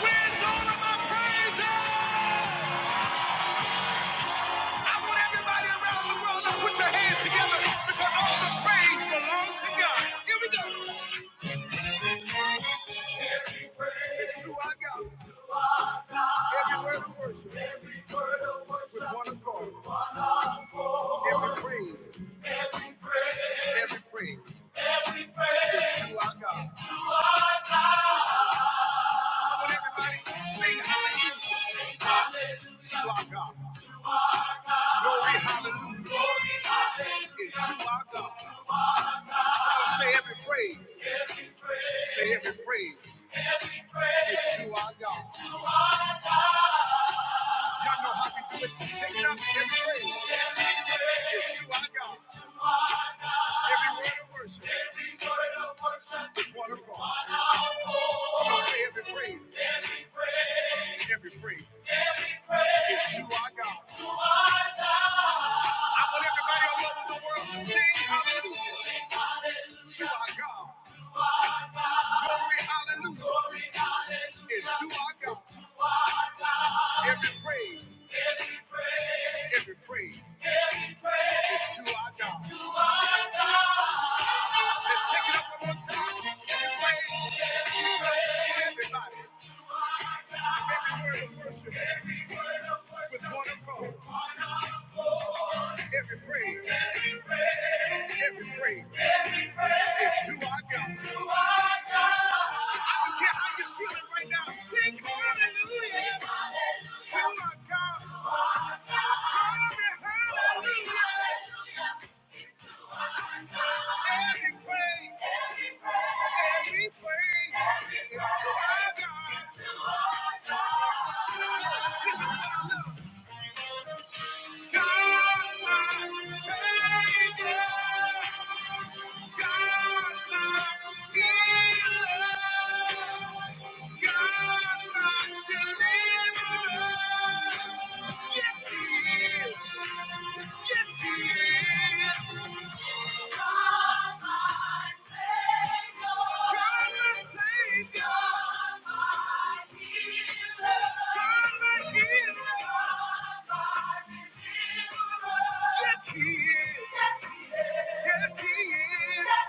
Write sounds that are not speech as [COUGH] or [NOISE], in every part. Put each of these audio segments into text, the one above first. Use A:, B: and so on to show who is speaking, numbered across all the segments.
A: Where's all of my praise at? I want everybody around the world to put your hands together because all the praise belongs to God. Here we go. It's who I got. Every word of worship with one accord. Every praise. Every praise. It's who I got. I want everybody to sing hallelujah to our God. Glory hallelujah It's to our God. I'll say every praise. Say every praise. It's to our God. Y'all know how we do it. Take it up every day. It's you, our God. Every word of worship. Every word of worship. Is one of God. Come on, say every praise. Every praise. Every praise. Every praise. It's you, our God. I want everybody all over the world to sing hallelujah to our God. Glory, hallelujah. Glory, hallelujah. It's to our God. Every praise. Every praise. It's to our God. Let's take it up one more time. Every praise. Every praise. Everybody. Every word of worship, with one accord, every praise, every praise is to our God. I don't care how you're feeling right now, sing hallelujah. To our God, hallelujah. Every praise, every praise every praise is to our God. This is what I love. God, my Savior. Yes, he is. Yes, he is. Yes, he is.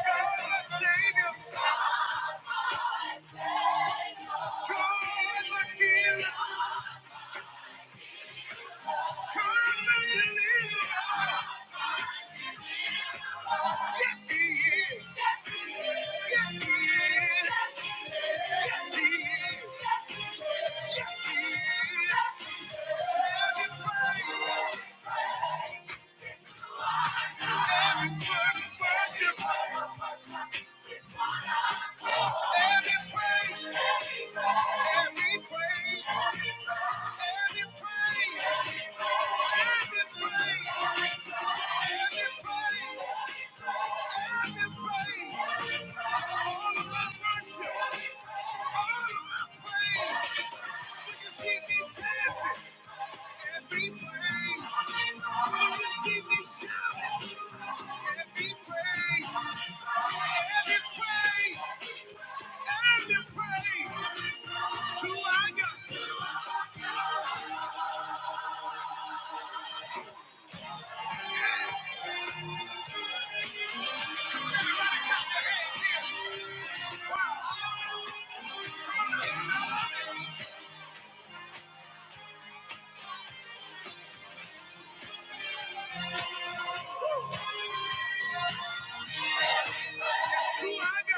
A: Every praise, every praise, every praise. Every praise, every praise, to our God. Hey, Every praise, every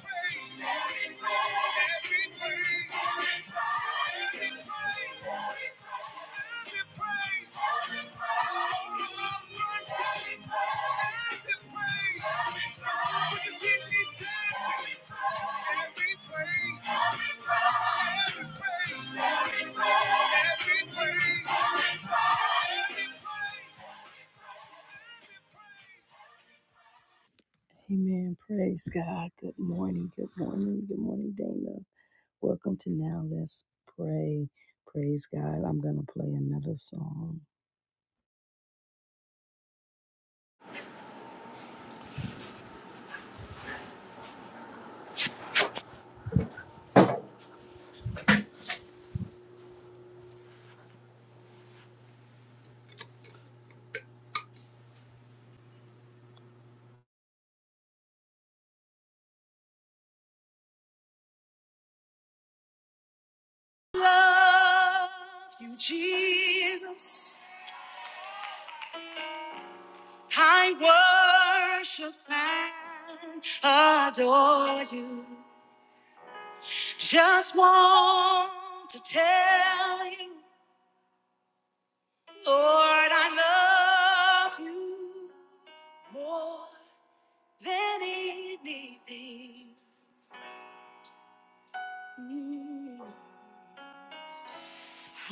A: praise, every praise, every praise. Amen. Praise God. Good morning. Good morning. Good morning, Dana. Welcome to Now Let's Pray. Praise God. I'm going to play another song. Love you, Jesus. I worship and adore you. Just want to tell you, Lord, I love you more than anything. Mm.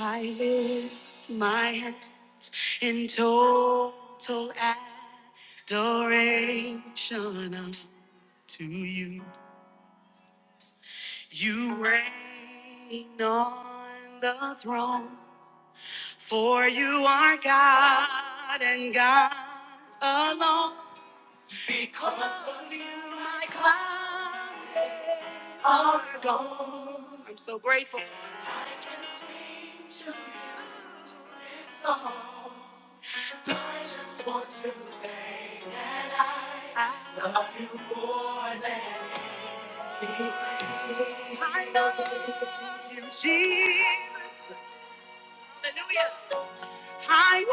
A: I lift my hands in total adoration up to you. You reign on the throne, for you are God and God alone. Because of you, my clouds are gone. I'm so grateful. I can sing to you. this song. I just want to say, I I know. Jesus, hallelujah. I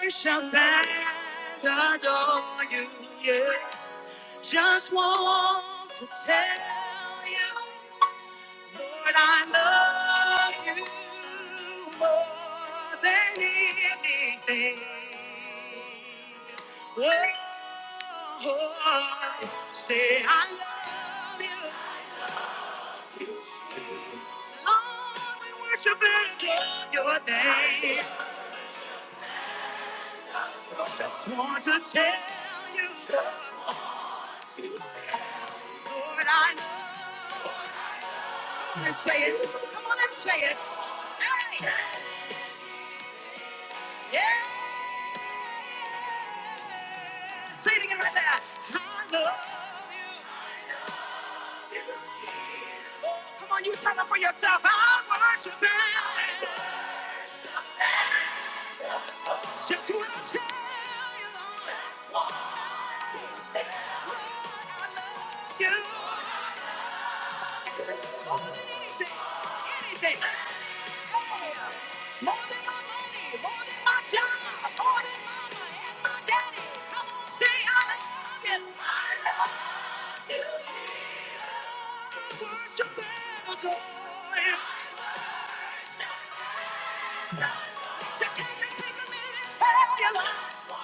A: worship and adore you, yes. Just want to tell you, Lord, I love you more than anything. Oh, say I love you. Lord, we worship and adore your name. Want to tell you, Lord, I love you. on and say it. Come on and say it. Hey, yeah, say it again like that. I love. Come on, you tell them for yourself. I worship it. Just wanna tell you, Lord, I love you. Anything more than my money, more than my job, more than mama and my daddy. Come on, say I love you. I worship and adore you. Just had to take a minute and tell you, Lord,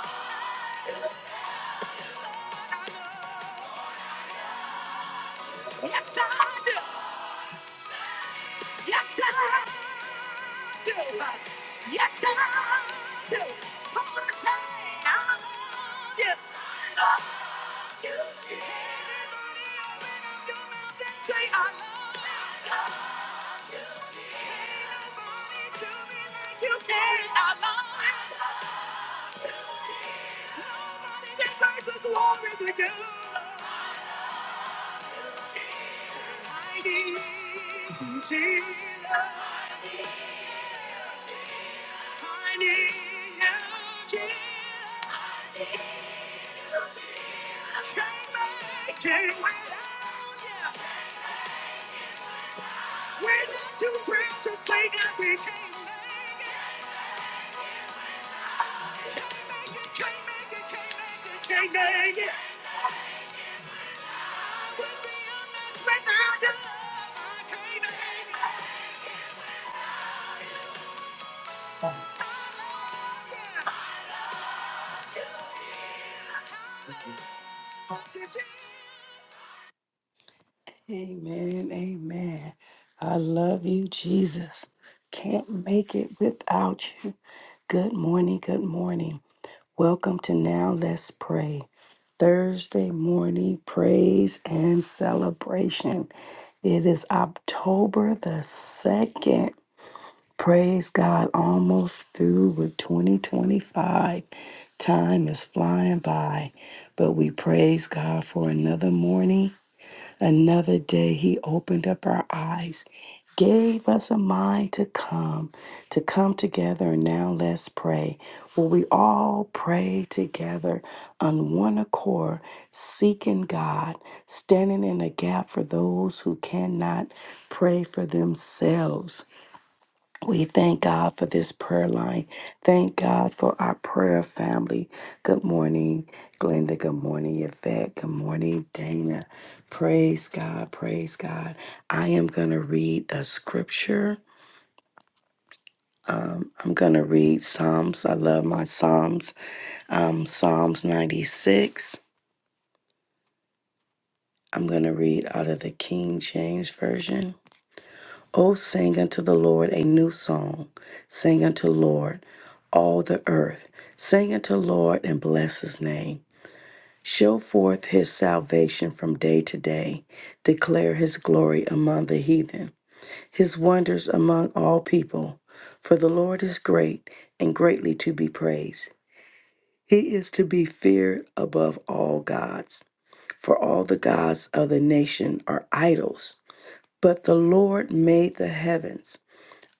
A: I love you. Yes, I do. Yes, I do. Yes, I do. Come on, say, I love you. You see everybody open up your mouth and say, I love you. Nobody do me like you can. I love you. Nobody deserves the glory but you. I need you, Jesus. I need you, Jesus. I can't without you. We're not too proud to say that we can't make it, can't make it, can't make it, can't make it, I would be a without your love. I can't make it. Amen, amen. I love you, Jesus. Can't make it without you. Good morning, good morning. Welcome to Now Let's Pray. Thursday morning praise and celebration. It is October the 2nd. Praise God, almost through with 2025. Time is flying by, but we praise God for another morning Another day, He opened up our eyes, gave us a mind to come, to come together. And now let's pray. Will we all pray together on one accord, seeking God, standing in a gap for those who cannot pray for themselves? We thank God for this prayer line. Thank God for our prayer family. Good morning, Glenda. Good morning, Yvette. Good morning, Dana. Praise God. Praise God. I am going to read a scripture. Um, I'm going to read Psalms. I love my Psalms. Um, Psalms 96. I'm going to read out of the King James Version. O sing unto the Lord a new song. Sing unto Lord, all the earth. Sing unto Lord and bless his name. Show forth his salvation from day to day. Declare his glory among the heathen, his wonders among all people. For the Lord is great and greatly to be praised. He is to be feared above all gods. For all the gods of the nation are idols, but the Lord made the heavens.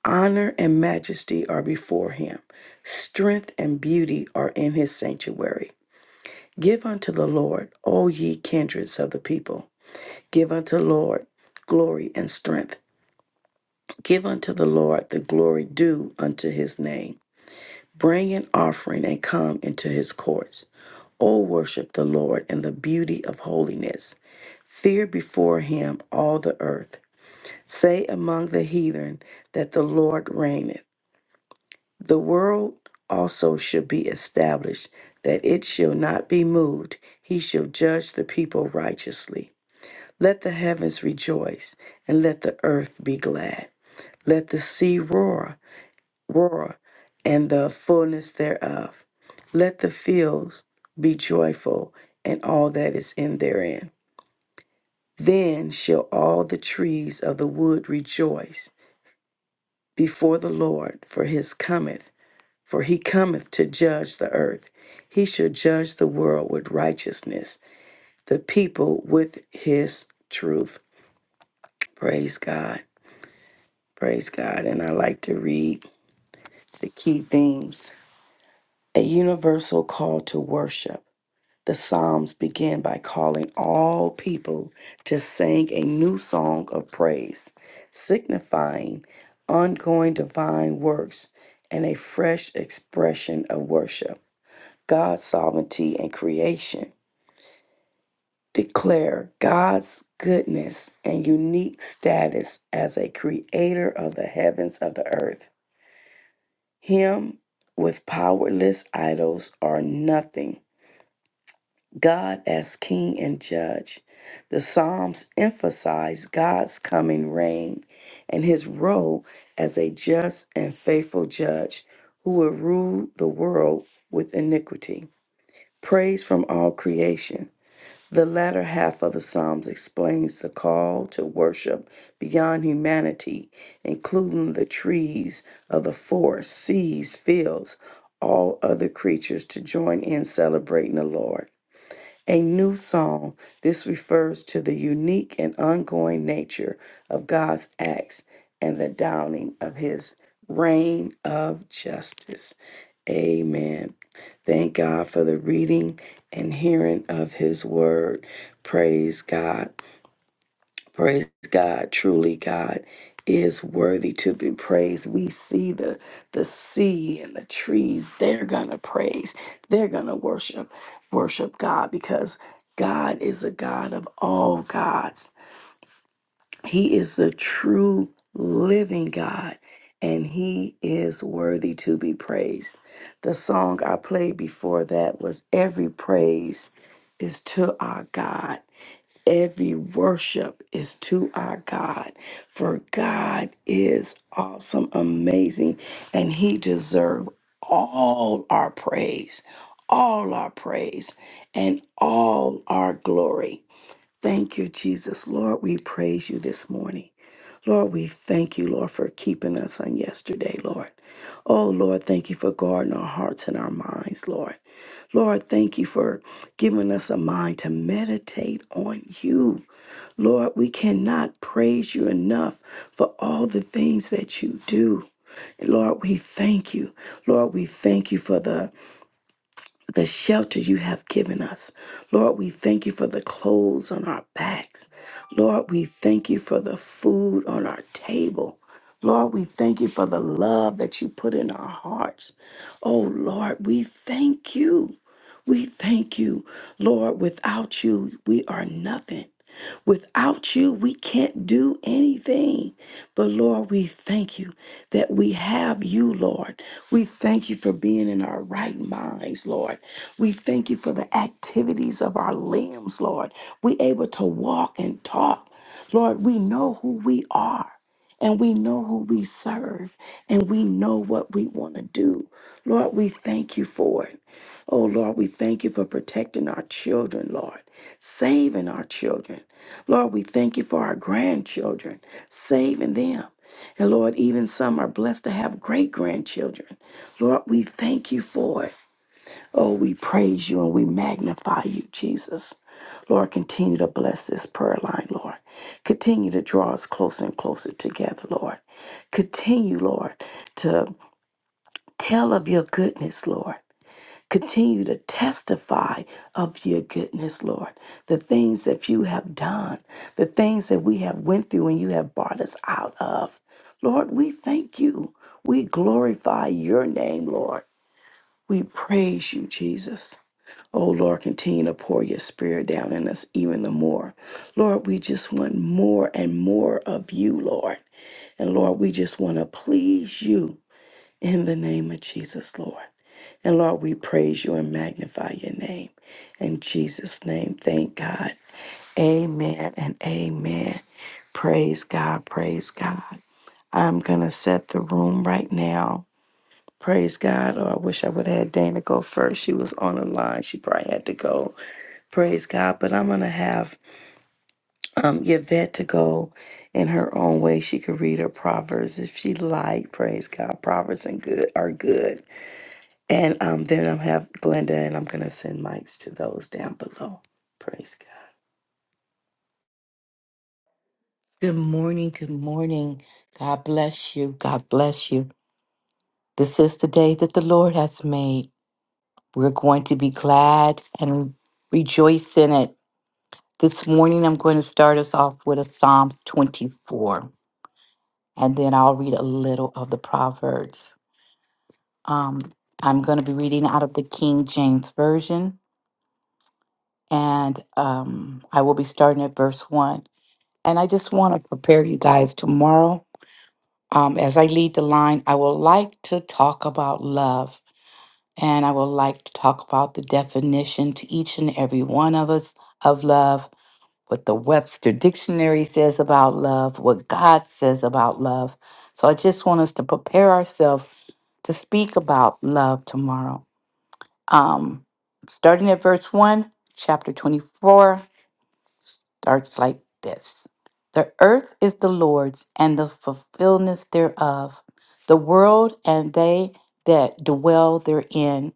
A: Honor and majesty are before him, strength and beauty are in his sanctuary. Give unto the Lord, all ye kindreds of the people. Give unto the Lord glory and strength. Give unto the Lord the glory due unto his name. Bring an offering and come into his courts. O worship the Lord in the beauty of holiness. Fear before him all the earth. Say among the heathen that the Lord reigneth. The world also shall be established, that it shall not be moved. He shall judge the people righteously. Let the heavens rejoice, and let the earth be glad. Let the sea roar, roar, and the fullness thereof. Let the fields be joyful, and all that is in therein. Then shall all the trees of the wood rejoice before the Lord, for his cometh. For he cometh to judge the earth. He shall judge the world with righteousness, the people with his truth. Praise God. Praise God. And I like to read the key themes. A universal call to worship. The Psalms begin by calling all people to sing a new song of praise, signifying ongoing divine works and a fresh expression of worship. God's sovereignty and creation. Declare God's goodness and unique status as a creator of the heavens of the earth. Him with powerless idols are nothing. God as king and judge. The Psalms emphasize God's coming reign and his role as a just and faithful judge who will rule the world with iniquity. Praise from all creation. The latter half of the Psalms explains the call to worship beyond humanity, including the trees of the forest, seas, fields, all other creatures to join in celebrating the Lord a new song. This refers to the unique and ongoing nature of God's acts and the downing of his reign of justice. Amen. Thank God for the reading and hearing of his word. Praise God. Praise God. Truly, God is worthy to be praised. We see the the sea and the trees. They're gonna praise. They're gonna worship, worship God because God is a God of all gods. He is the true living God, and He is worthy to be praised. The song I played before that was "Every Praise is to Our God." Every worship is to our God, for God is awesome, amazing, and He deserves all our praise, all our praise, and all our glory. Thank you, Jesus. Lord, we praise you this morning. Lord, we thank you, Lord, for keeping us on yesterday, Lord. Oh, Lord, thank you for guarding our hearts and our minds, Lord. Lord, thank you for giving us a mind to meditate on you. Lord, we cannot praise you enough for all the things that you do. Lord, we thank you. Lord, we thank you for the the shelter you have given us. Lord, we thank you for the clothes on our backs. Lord, we thank you for the food on our table. Lord, we thank you for the love that you put in our hearts. Oh, Lord, we thank you. We thank you, Lord. Without you, we are nothing. Without you, we can't do anything. But Lord, we thank you that we have you, Lord. We thank you for being in our right minds, Lord. We thank you for the activities of our limbs, Lord. We able to walk and talk. Lord, we know who we are and we know who we serve and we know what we want to do. Lord, we thank you for it. Oh Lord, we thank you for protecting our children, Lord, saving our children. Lord, we thank you for our grandchildren, saving them. And Lord, even some are blessed to have great grandchildren. Lord, we thank you for it. Oh, we praise you and we magnify you, Jesus. Lord, continue to bless this prayer line, Lord. Continue to draw us closer and closer together, Lord. Continue, Lord, to tell of your goodness, Lord. Continue to testify of your goodness, Lord. The things that you have done, the things that we have went through and you have brought us out of. Lord, we thank you. We glorify your name, Lord. We praise you, Jesus. Oh, Lord, continue to pour your spirit down in us even the more. Lord, we just want more and more of you, Lord. And Lord, we just want to please you in the name of Jesus, Lord. And Lord, we praise you and magnify your name. In Jesus' name, thank God. Amen and amen. Praise God. Praise God. I'm going to set the room right now. Praise God. Oh, I wish I would have had Dana go first. She was on the line. She probably had to go. Praise God. But I'm going to have um, Yvette to go in her own way. She could read her Proverbs if she like. Praise God. Proverbs and good are good. And um, then I'll have Glenda and I'm going to send mics to those down below. Praise God.
B: Good morning. Good morning. God bless you. God bless you. This is the day that the Lord has made. We're going to be glad and rejoice in it. This morning, I'm going to start us off with a Psalm 24, and then I'll read a little of the Proverbs. Um, I'm going to be reading out of the King James Version, and um, I will be starting at verse 1. And I just want to prepare you guys tomorrow Um, as I lead the line, I would like to talk about love and I would like to talk about the definition to each and every one of us of love, what the Webster Dictionary says about love, what God says about love. So I just want us to prepare ourselves to speak about love tomorrow. Um, starting at verse 1, chapter 24 starts like this The earth is the Lord's and the fulfillment thereof, the world and they that dwell therein.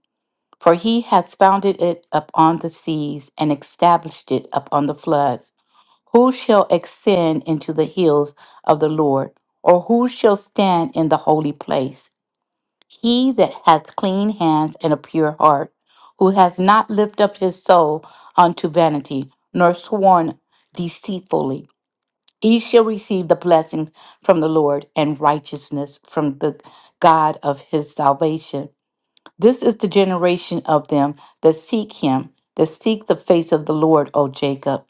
B: For he hath founded it upon the seas and established it upon the floods. Who shall ascend into the hills of the Lord, or who shall stand in the holy place? He that hath clean hands and a pure heart, who has not lifted up his soul unto vanity, nor sworn deceitfully, he shall receive the blessing from the Lord and righteousness from the God of his salvation. This is the generation of them that seek him, that seek the face of the Lord, O Jacob.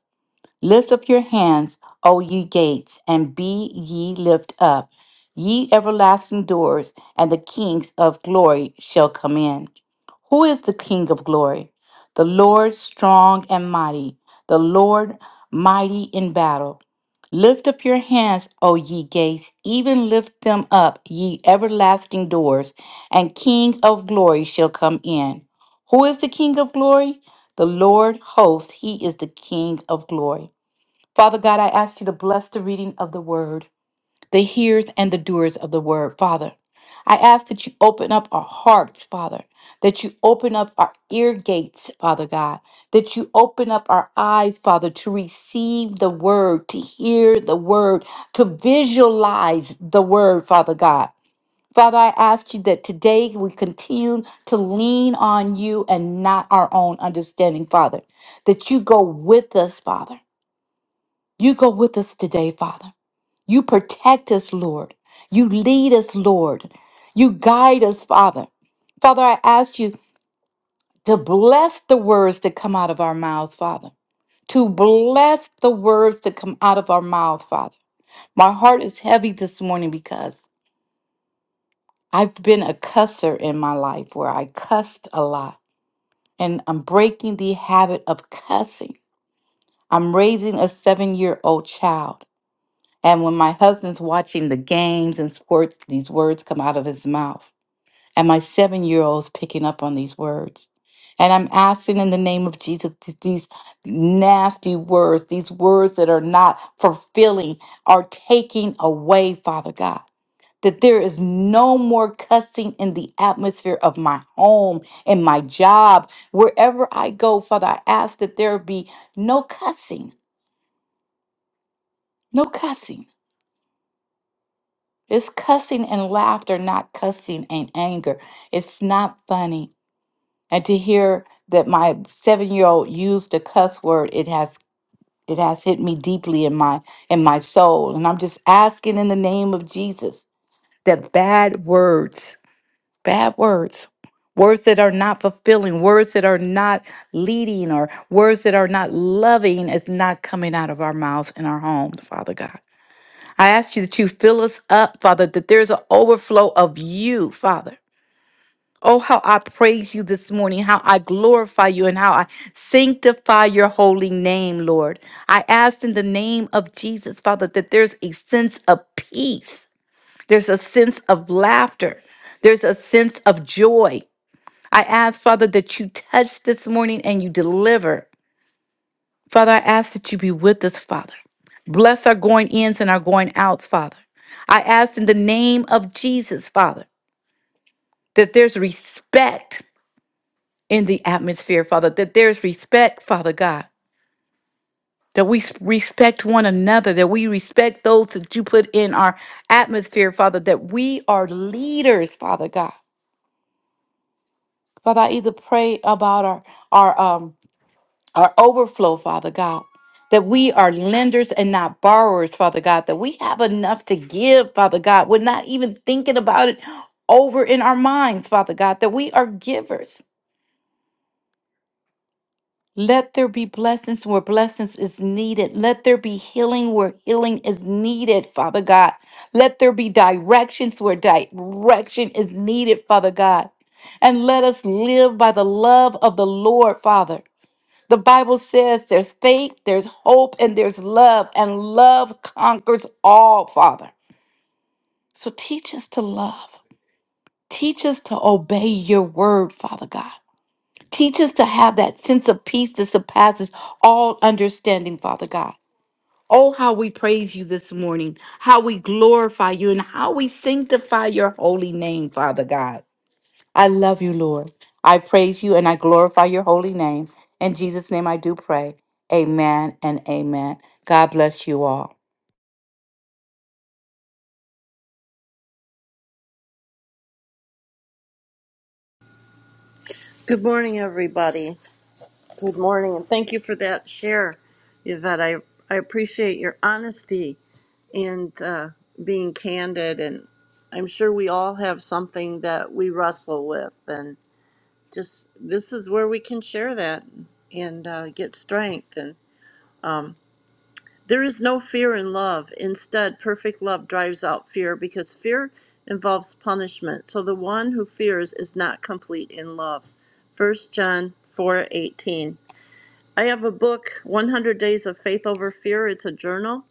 B: Lift up your hands, O ye gates, and be ye lift up, ye everlasting doors, and the kings of glory shall come in. Who is the King of glory? The Lord strong and mighty, the Lord mighty in battle. Lift up your hands, O ye gates, even lift them up, ye everlasting doors, and King of glory shall come in. Who is the King of glory? The Lord hosts, he is the King of glory. Father God, I ask you to bless the reading of the word, the hearers and the doers of the word, Father. I ask that you open up our hearts, Father, that you open up our ear gates, Father God, that you open up our eyes, Father, to receive the word, to hear the word, to visualize the word, Father God. Father, I ask you that today we continue to lean on you and not our own understanding, Father, that you go with us, Father you go with us today, Father. You protect us, Lord. You lead us, Lord. You guide us, Father. Father, I ask you to bless the words that come out of our mouths, Father. To bless the words that come out of our mouth, Father. My heart is heavy this morning because I've been a cusser in my life where I cussed a lot. And I'm breaking the habit of cussing. I'm raising a seven year old child. And when my husband's watching the games and sports, these words come out of his mouth. And my seven year old's picking up on these words. And I'm asking in the name of Jesus th- these nasty words, these words that are not fulfilling, are taking away, Father God. That there is no more cussing in the atmosphere of my home, in my job, wherever I go, Father. I ask that there be no cussing, no cussing It's cussing and laughter, not cussing and anger. It's not funny. And to hear that my seven-year-old used a cuss word, it has it has hit me deeply in my in my soul. And I'm just asking in the name of Jesus that bad words, bad words, words that are not fulfilling, words that are not leading, or words that are not loving is not coming out of our mouths and our homes, Father God. I ask you that you fill us up, Father, that there's an overflow of you, Father. Oh, how I praise you this morning, how I glorify you, and how I sanctify your holy name, Lord. I ask in the name of Jesus, Father, that there's a sense of peace, there's a sense of laughter, there's a sense of joy. I ask, Father, that you touch this morning and you deliver. Father, I ask that you be with us, Father. Bless our going ins and our going outs, Father. I ask in the name of Jesus, Father, that there's respect in the atmosphere, Father, that there's respect, Father God, that we s- respect one another, that we respect those that you put in our atmosphere, Father, that we are leaders, Father God. Father, I either pray about our, our, um, our overflow, Father God, that we are lenders and not borrowers, Father God, that we have enough to give, Father God. We're not even thinking about it over in our minds, Father God, that we are givers. Let there be blessings where blessings is needed. Let there be healing where healing is needed, Father God. Let there be directions where direction is needed, Father God. And let us live by the love of the Lord, Father the Bible says there's faith, there's hope, and there's love, and love conquers all, Father. So teach us to love. Teach us to obey your word, Father God. Teach us to have that sense of peace that surpasses all understanding, Father God. Oh, how we praise you this morning, how we glorify you, and how we sanctify your holy name, Father God. I love you, Lord. I praise you and I glorify your holy name. In Jesus' name I do pray. Amen and amen. God bless you all.
C: Good morning, everybody. Good morning, and thank you for that share, Yvette. I, I appreciate your honesty and uh, being candid, and I'm sure we all have something that we wrestle with, and just this is where we can share that and uh, get strength. And um, there is no fear in love. Instead, perfect love drives out fear because fear involves punishment. So the one who fears is not complete in love. First John four eighteen. I have a book, 100 Days of Faith Over Fear. It's a journal.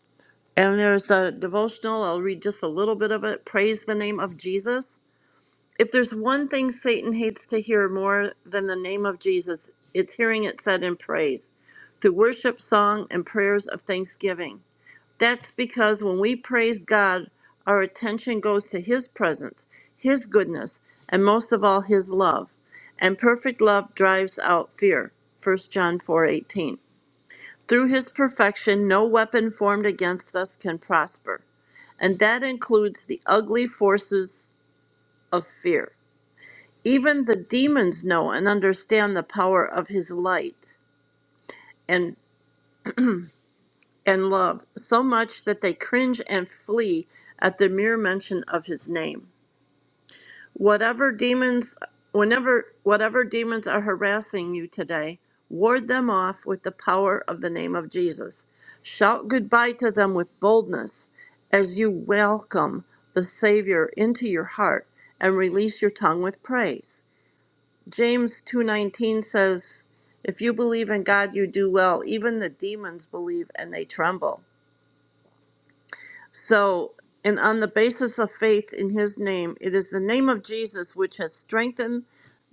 C: And there's a devotional. I'll read just a little bit of it. Praise the name of Jesus. If there's one thing Satan hates to hear more than the name of Jesus, it's hearing it said in praise through worship, song, and prayers of thanksgiving. That's because when we praise God, our attention goes to His presence, His goodness, and most of all, His love. And perfect love drives out fear. First John 4:18. Through his perfection, no weapon formed against us can prosper, and that includes the ugly forces of fear. Even the demons know and understand the power of his light and, and love so much that they cringe and flee at the mere mention of his name. Whatever demons, whenever, whatever demons are harassing you today, ward them off with the power of the name of Jesus. Shout goodbye to them with boldness as you welcome the Savior into your heart and release your tongue with praise. James 2:19 says, "If you believe in God, you do well. Even the demons believe and they tremble." So, and on the basis of faith in his name, it is the name of Jesus which has strengthened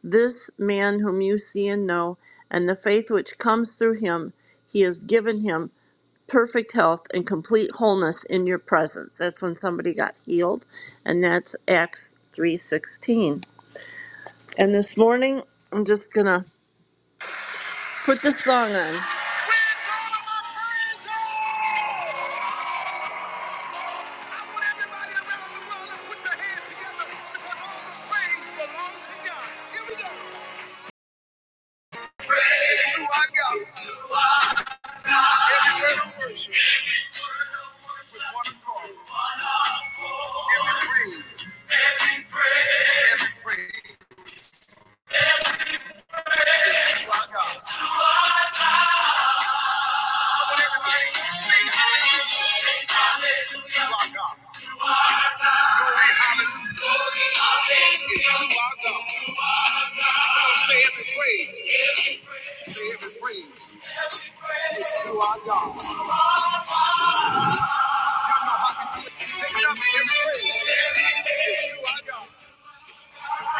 C: this man whom you see and know, and the faith which comes through him, he has given him perfect health and complete wholeness in your presence. That's when somebody got healed, and that's Acts 3:16. And this morning, I'm just going to put this song on. Praise who I got. Say every praise. It's to our God. Take it up and give praise. It's you, our God.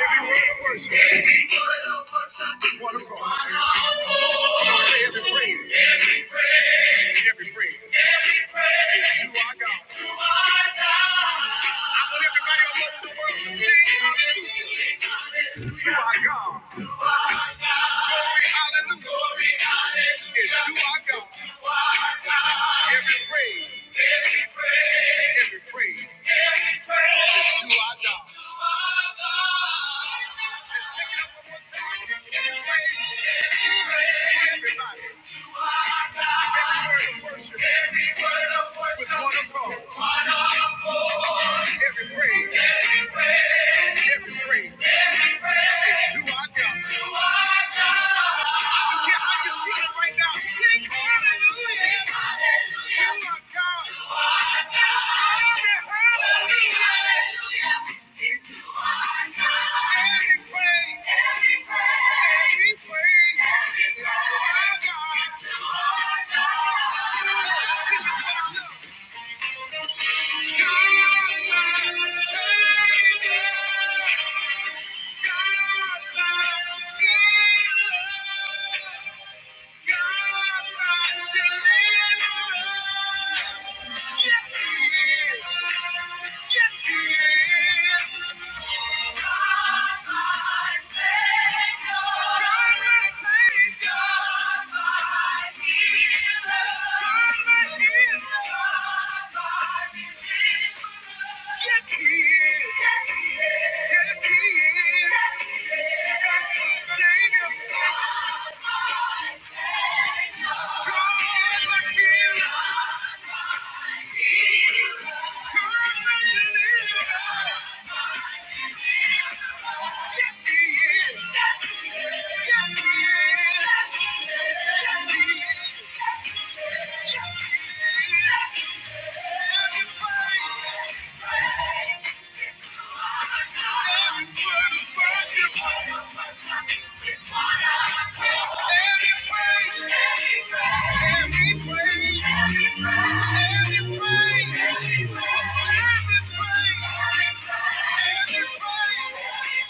C: Every word of worship. Every word of worship. One accord. One accord. Come on, say every praise. Every praise. Every praise. Every praise. you, our God. It's you, our God. I want everybody all over the world to sing hallelujah. It's you, our God. Glory, hallelujah. Glory, hallelujah. It's you, our God. It's you, our God. Every praise, Every praise. Every praise. Every praise, every praise, every praise is to our God. This is what I love. Savior. Yes, he is. Yes, he is. God, my Savior. God, my healer. God, my deliverer. Yes, he is. Yes, he is. Yes, he is.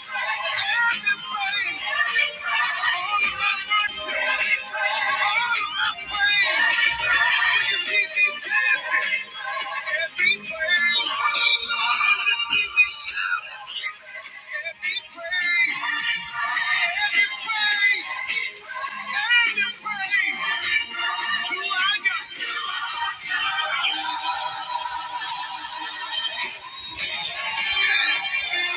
C: Everybody, Every praise, every praise, Thank you.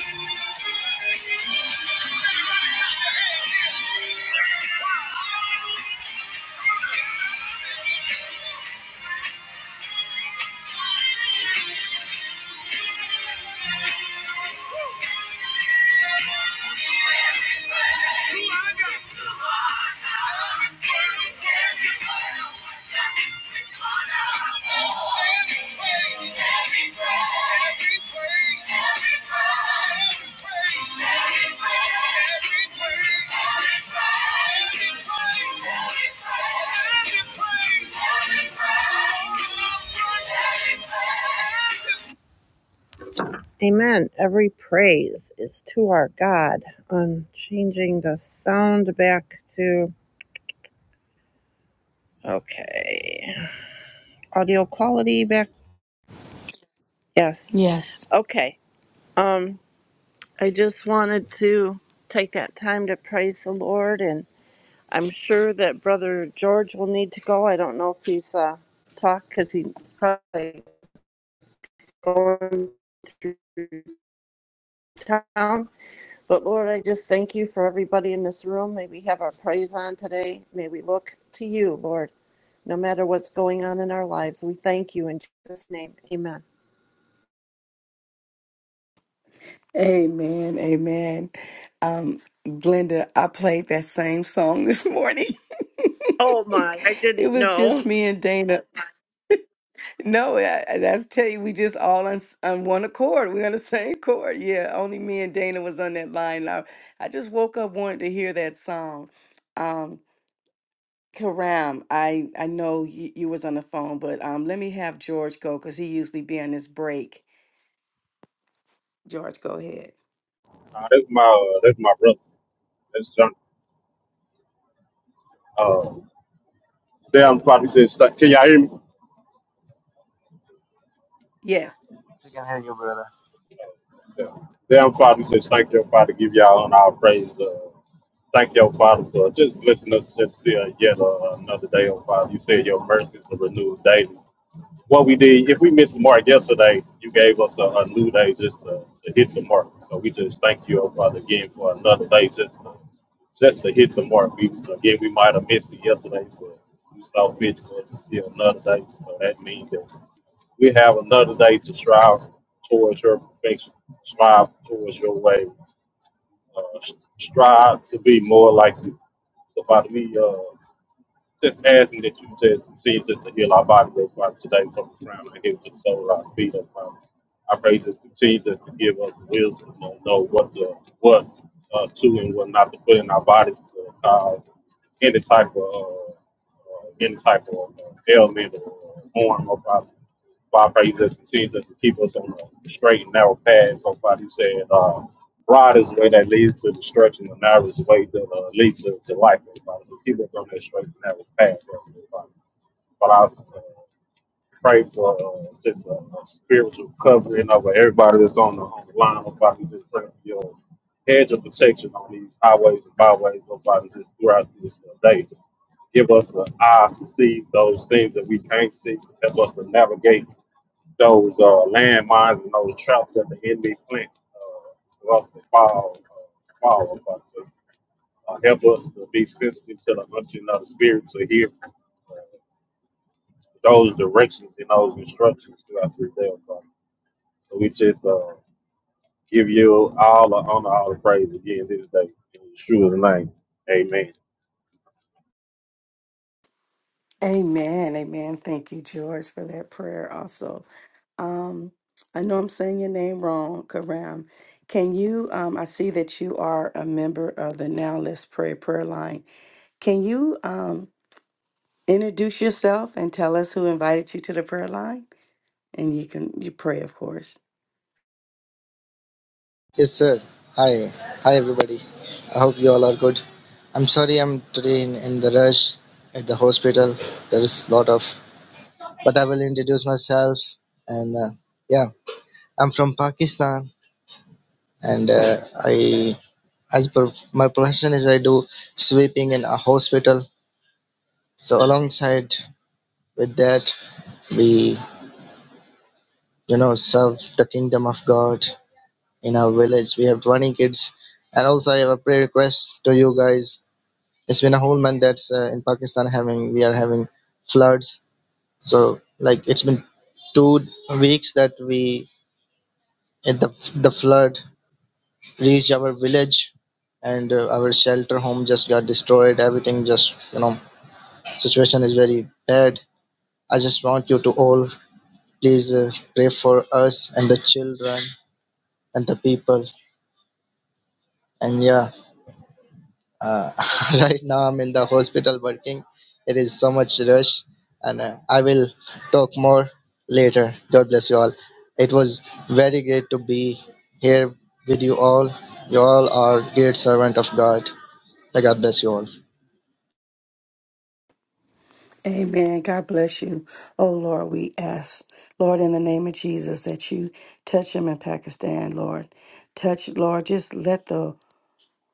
C: Thank you. Amen. Every praise is to our God. I'm changing the sound back to okay. audio quality back? Yes.
B: Yes.
C: Okay. Um, I just wanted to take that time to praise the Lord, and I'm sure that Brother George will need to go. I don't know if he's uh, talked because he's probably going through town. But Lord, I just thank you for everybody in this room. May we have our praise on today. May we look to you, Lord, no matter what's going on in our lives. We thank you in Jesus' name. Amen.
A: Amen. Amen. Um, Glenda, I played that same song this morning. [LAUGHS]
C: Oh my, I
A: It
C: didn't
A: was
C: know.
A: just me and Dana. No, I, I- that's tell you, we just all on, s- on one accord. We're on the same chord. Yeah, only me and Dana was on that line. I, I just woke up wanted to hear that song. Um, Karam, I I know you, you was on the phone, but um, let me have George go because he usually be on this break. George, go ahead.
D: Nah, that's my uh, that's my brother. That's John. Uh, damn Father says, "Thank-" can y'all hear me?
A: Yes.
E: We can hear you, brother.
D: Yeah. Damn Father says, thank your Father, give y'all on our praise. Uh, thank your Father for just blessing us just still yet uh, another day, oh Father. You said your mercies are renewed daily. What we did, if we missed the mark yesterday, you gave us a, a new day just to, to hit the mark. So we just thank you, oh Father, again for another day just to, just to hit the mark. We again we might have missed it yesterday, but we saw fit to see another day. So that means that we have another day to strive towards your perfection, strive towards your ways, uh, strive to be more like you. So Father, we uh, just asking that you just continue just to heal our body, Lord Father, today from the crown of our head to the sole of our feet, Lord Father. I pray just continue just to give us wisdom to know what to, what uh, to and what not to put in our bodies to cause any type of uh, uh, any type of uh, ailment or harm, Lord Father. Father, pray you just continue to keep us on the straight and narrow path. So, Father, you said, uh, broad is the way that leads to destruction, and narrow is the way that uh, leads to, to life. oh Father, so keep us on that straight and narrow path. oh Father. But I also uh, pray for uh, just a, a spiritual covering over everybody that's on the, on the line. Oh, Father, you just pray for your hedge of protection on these highways and byways. Oh, Father, just throughout this uh, day give us the eyes to see those things that we can't see. Help us to navigate those uh, landmines and those traps that the enemy plant uh, for us to fall, uh, fall upon. So, uh, help us to be sensitive to the hunting of the spirit to hear uh, those directions and those instructions throughout this day. oh God. So we just uh, give you all the honor, all the praise again this day. In Yeshua's name, amen.
A: Amen. Amen. Thank you, George, for that prayer. Also, um, I know I'm saying your name wrong, Karam. Can you? Um, I see that you are a member of the Now Let's Pray prayer line. Can you um introduce yourself and tell us who invited you to the prayer line? And you can you pray, of course.
E: Yes, sir. Hi. Hi, everybody. I hope you all are good. I'm sorry I'm today in, in the rush at the hospital. There is a lot of, but I will introduce myself. And uh, yeah, I'm from Pakistan. And uh, I, as per my profession is I do sweeping in a hospital. So alongside with that, we, you know, serve the kingdom of God in our village. We have 20 kids. And also I have a prayer request to you guys it's been a whole month that's uh, in pakistan having we are having floods so like it's been two weeks that we at the the flood reached our village and uh, our shelter home just got destroyed everything just you know situation is very bad i just want you to all please uh, pray for us and the children and the people and yeah Uh, [LAUGHS] right now, I'm in the hospital working. It is so much rush, and uh, I will talk more later. God bless you all. It was very great to be here with you all. You all are great servant of God. May God bless you all.
A: Amen. God bless you. Oh Lord, we ask, Lord, in the name of Jesus, that you touch him in Pakistan, Lord. Touch, Lord, just let the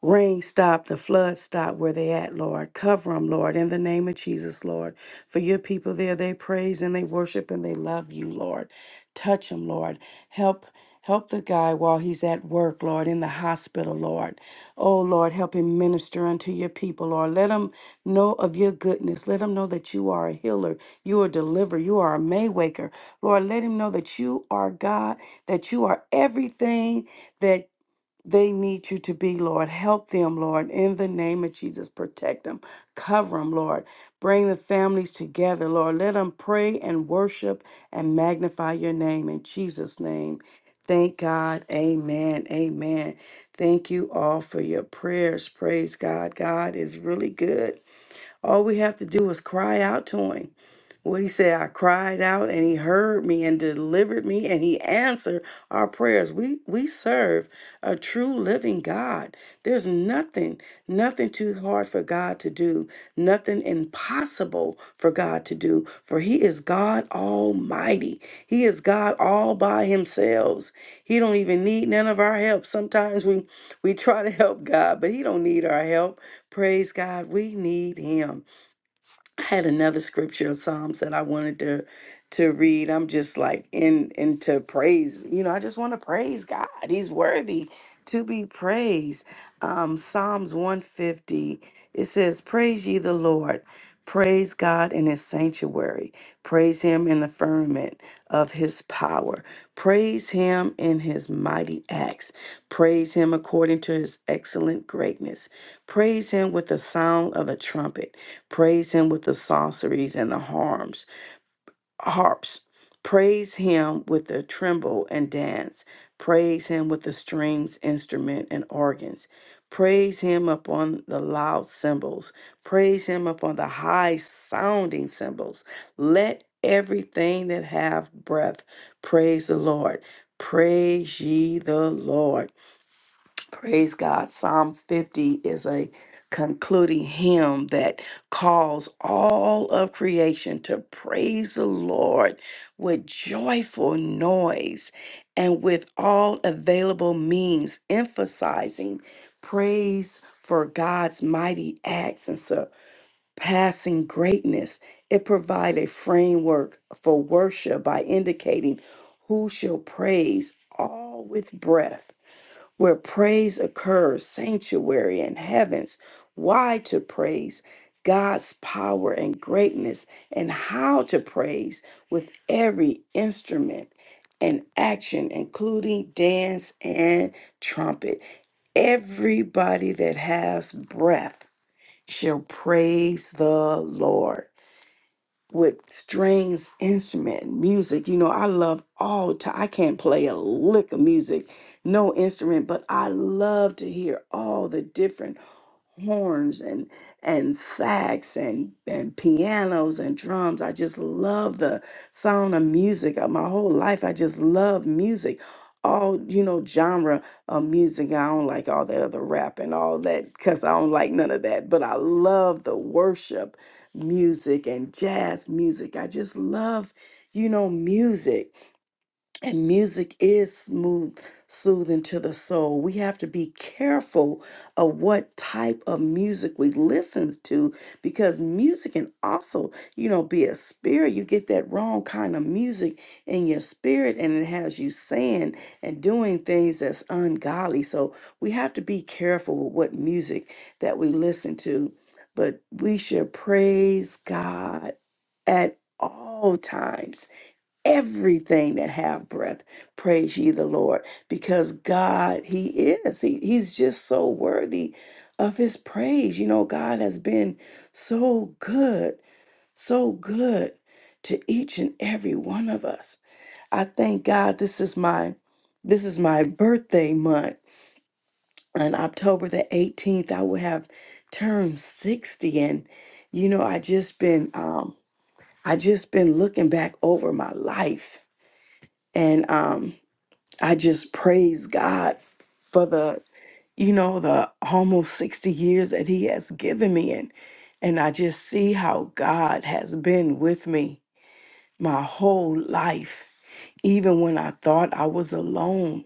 A: Rain stop, the flood stop where they at, Lord. Cover them, Lord, in the name of Jesus, Lord. For your people there, they praise and they worship and they love you, Lord. Touch them, Lord. Help. Help the guy while he's at work, Lord, in the hospital, Lord. Oh, Lord, help him minister unto your people, Lord. Let him know of your goodness. Let him know that you are a healer, you are a deliverer, you are a maywaker. Lord, let him know that you are God, that you are everything that. They need you to be, Lord. Help them, Lord, in the name of Jesus. Protect them, cover them, Lord. Bring the families together, Lord. Let them pray and worship and magnify your name in Jesus' name. Thank God. Amen. Amen. Thank you all for your prayers. Praise God. God is really good. All we have to do is cry out to Him what he said, I cried out and he heard me and delivered me and he answered our prayers. We we serve a true living God. There's nothing, nothing too hard for God to do, nothing impossible for God to do, for he is God almighty. He is God all by himself. He don't even need none of our help. Sometimes we we try to help God, but he don't need our help. Praise God, we need him. I had another scripture of Psalms that I wanted to to read. I'm just like in into praise. You know, I just want to praise God. He's worthy to be praised. Um, Psalms 150. It says, "Praise ye the Lord. Praise God in His sanctuary. Praise Him in the firmament of His power. Praise Him in His mighty acts. Praise Him according to His excellent greatness. Praise Him with the sound of the trumpet." Praise him with the sorceries and the harms, harps. Praise him with the tremble and dance. Praise him with the strings, instrument, and organs. Praise him upon the loud cymbals. Praise him upon the high sounding cymbals. Let everything that have breath praise the Lord. Praise ye the Lord. Praise God. Psalm 50 is a concluding hymn that calls all of creation to praise the Lord with joyful noise and with all available means, emphasizing praise for God's mighty acts and surpassing greatness. It provides a framework for worship by indicating who shall praise all with breath where praise occurs, sanctuary and heavens, why to praise God's power and greatness, and how to praise with every instrument and action, including dance and trumpet. Everybody that has breath shall praise the Lord with strings, instrument, music. You know, I love all time. I can't play a lick of music, no instrument, but I love to hear all the different horns and and sax and and pianos and drums. I just love the sound of music. Uh, My whole life, I just love music. All you know, genre of music. I don't like all that other rap and all that because I don't like none of that. But I love the worship music and jazz music. I just love, you know, music. And music is smooth, soothing to the soul. We have to be careful of what type of music we listen to because music can also, you know, be a spirit. You get that wrong kind of music in your spirit and it has you saying and doing things that's ungodly. So we have to be careful with what music that we listen to, but we should praise God at all times everything that have breath praise ye the lord because god he is he, he's just so worthy of his praise you know god has been so good so good to each and every one of us i thank god this is my this is my birthday month on october the 18th i will have turned 60 and you know i just been um i just been looking back over my life and um I just praise God for the, you know, the almost 60 years that he has given me and and I just see how God has been with me my whole life. Even when I thought I was alone,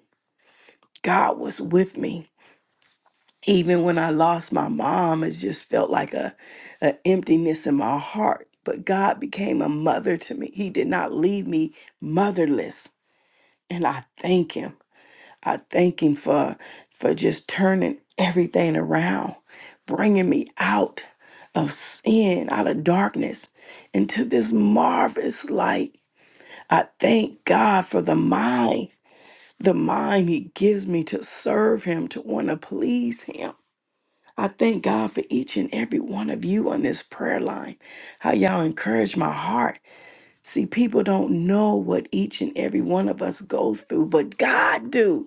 A: God was with me. Even when I lost my mom, it just felt like a, a emptiness in my heart. But God became a mother to me. He did not leave me motherless. And I thank him. I thank him for for just turning everything around, bringing me out of sin, out of darkness into this marvelous light. I thank God for the mind, the mind he gives me to serve him, to want to please him. I thank God for each and every one of you on this prayer line. How y'all encourage my heart. See, people don't know what each and every one of us goes through, but God do.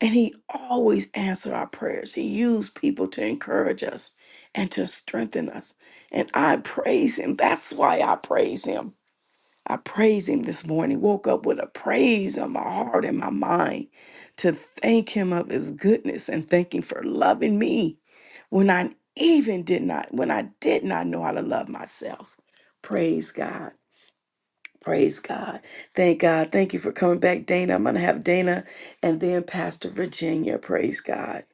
A: And he always answered our prayers. He used people to encourage us and to strengthen us. And I praise him. That's why I praise him. I praise him this morning. Woke up with a praise on my heart and my mind to thank him of his goodness and thank him for loving me when I even did not, when I did not know how to love myself. Praise God. Praise God. Thank God. Thank you for coming back, Dana. I'm going to have Dana and then Pastor Virginia. Praise God.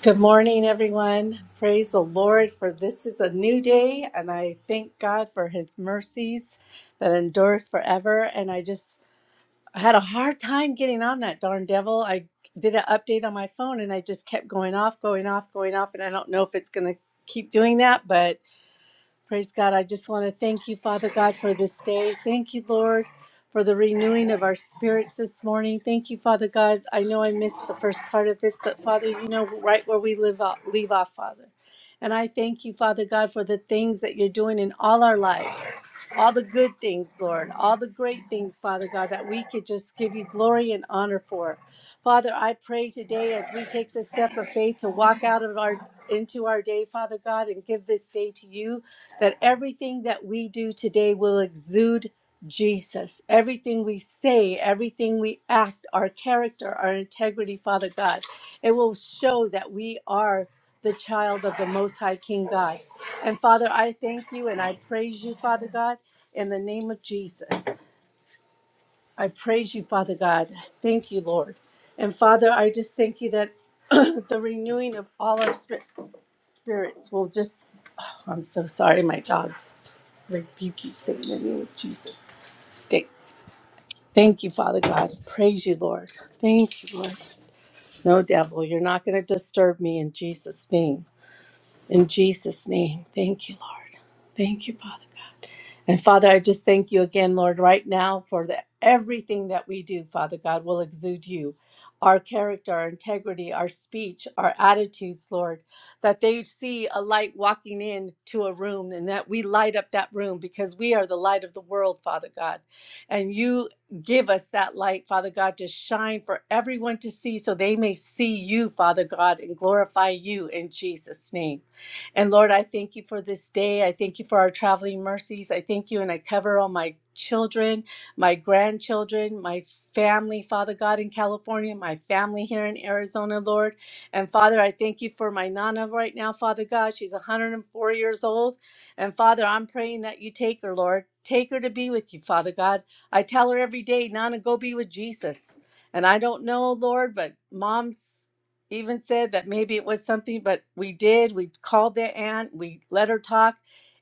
F: Good morning, everyone. Praise the Lord, for this is a new day, and I thank God for His mercies that endureth forever. And I just I had a hard time getting on that darn devil. I did an update on my phone, and I just kept going off, going off, going off, and I don't know if it's going to keep doing that, but Praise God. I just want to thank you, Father God, for this day. Thank you, Lord, for the renewing of our spirits this morning. Thank you, Father God. I know I missed the first part of this, but Father, you know right where we live off, leave off, Father. And I thank you, Father God, for the things that you're doing in all our lives. All the good things, Lord, all the great things, Father God, that we could just give you glory and honor for. Father, I pray today as we take the step of faith to walk out of our into our day, Father God, and give this day to you, that everything that we do today will exude Jesus. Everything we say, everything we act, our character, our integrity, Father God, it will show that we are the child of the Most High King God. And Father, I thank you and I praise you, Father God, in the name of Jesus. I praise you, Father God. Thank you, Lord. And Father, I just thank you that [CLEARS THROAT] the renewing of all our spir- spirits will just. Oh, I'm so sorry, my dogs. Rebuke you, Satan, in the name of Jesus. Stay. Thank you, Father God. Praise you, Lord. Thank you, Lord. No devil, you're not going to disturb me in Jesus' name. In Jesus' name. Thank you, Lord. Thank you, Father God. And Father, I just thank you again, Lord, right now for the, everything that we do, Father God, will exude you. Our character, our integrity, our speech, our attitudes, Lord, that they see a light walking in to a room and that we light up that room because we are the light of the world, Father God. And you give us that light, Father God, to shine for everyone to see so they may see you, Father God, and glorify you in Jesus' name. And Lord, I thank you for this day. I thank you for our traveling mercies. I thank you and I cover all my children, my grandchildren, my family, Father God, in California, my family here in Arizona, Lord. And Father, I thank you for my Nana right now, Father God. She's 104 years old. And Father, I'm praying that you take her, Lord. Take her to be with you, Father God. I tell her every day, Nana, go be with Jesus. And I don't know, Lord, but mom's even said that maybe it was something, but we did. We called their aunt. We let her talk.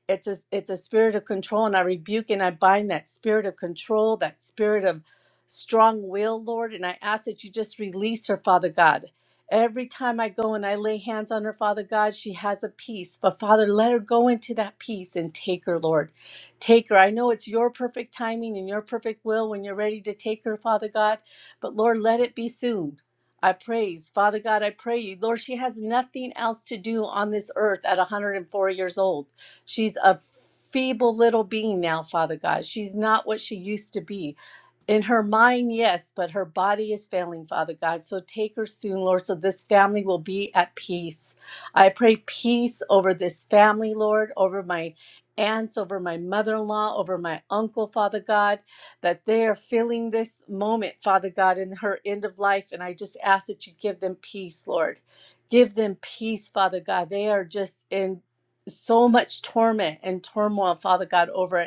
F: It's a it's a spirit of control, and I rebuke and I bind that spirit of control, that spirit of strong will, Lord. And I ask that you just release her, Father God. Every time I go and I lay hands on her, Father God, she has a peace. But Father, let her go into that peace and take her, Lord. Take her. I know it's your perfect timing and your perfect will when you're ready to take her, Father God. But Lord, let it be soon. I praise. Father God, I pray you. Lord, she has nothing else to do on this earth at 104 years old. She's a feeble little being now, Father God. She's not what she used to be. In her mind, yes, but her body is failing, Father God. So take her soon, Lord, so this family will be at peace. I pray peace over this family, Lord, over my aunts, over my mother in law, over my uncle, Father God, that they are feeling this moment, Father God, in her end of life. And I just ask that you give them peace, Lord. Give them peace, Father God. They are just in so much torment and turmoil, Father God, over it.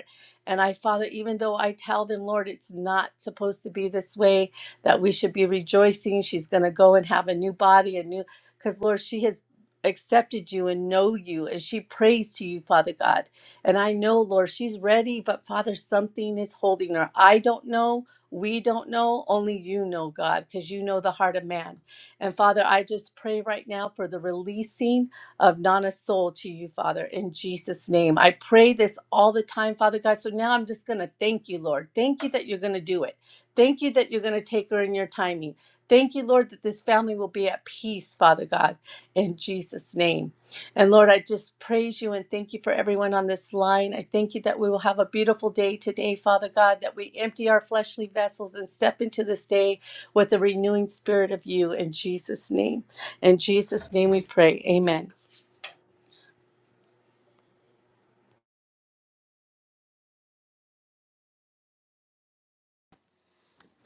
F: And I, Father, even though I tell them, Lord, it's not supposed to be this way, that we should be rejoicing. She's going to go and have a new body, a new, because, Lord, she has accepted you and know you, and she prays to you, Father God. And I know, Lord, she's ready, but Father, something is holding her. I don't know. We don't know. Only you know, God, because you know the heart of man. And Father, I just pray right now for the releasing of Nana's soul to you, Father, in Jesus' name. I pray this all the time, Father God. So now I'm just going to thank you, Lord. Thank you that you're going to do it. Thank you that you're going to take her in your timing. Thank you, Lord, that this family will be at peace, Father God, in Jesus' name. And Lord, I just praise you and thank you for everyone on this line. I thank you that we will have a beautiful day today, Father God, that we empty our fleshly vessels and step into this day with the renewing spirit of you in Jesus' name. In Jesus' name we pray. Amen.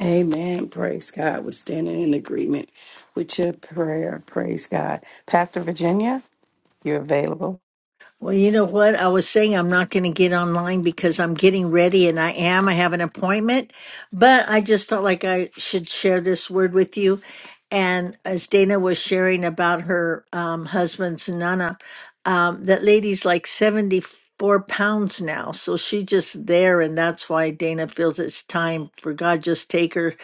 A: Amen. Praise God. We're standing in agreement with your prayer. Praise God. Pastor Virginia, you're available.
G: Well, you know what? I was saying I'm not going to get online because I'm getting ready and I am. I have an appointment, but I just felt like I should share this word with you. And as Dana was sharing about her um, husband's Nana, um, that lady's like 74 pounds now. So she's just there. And that's why Dana feels it's time for God just take her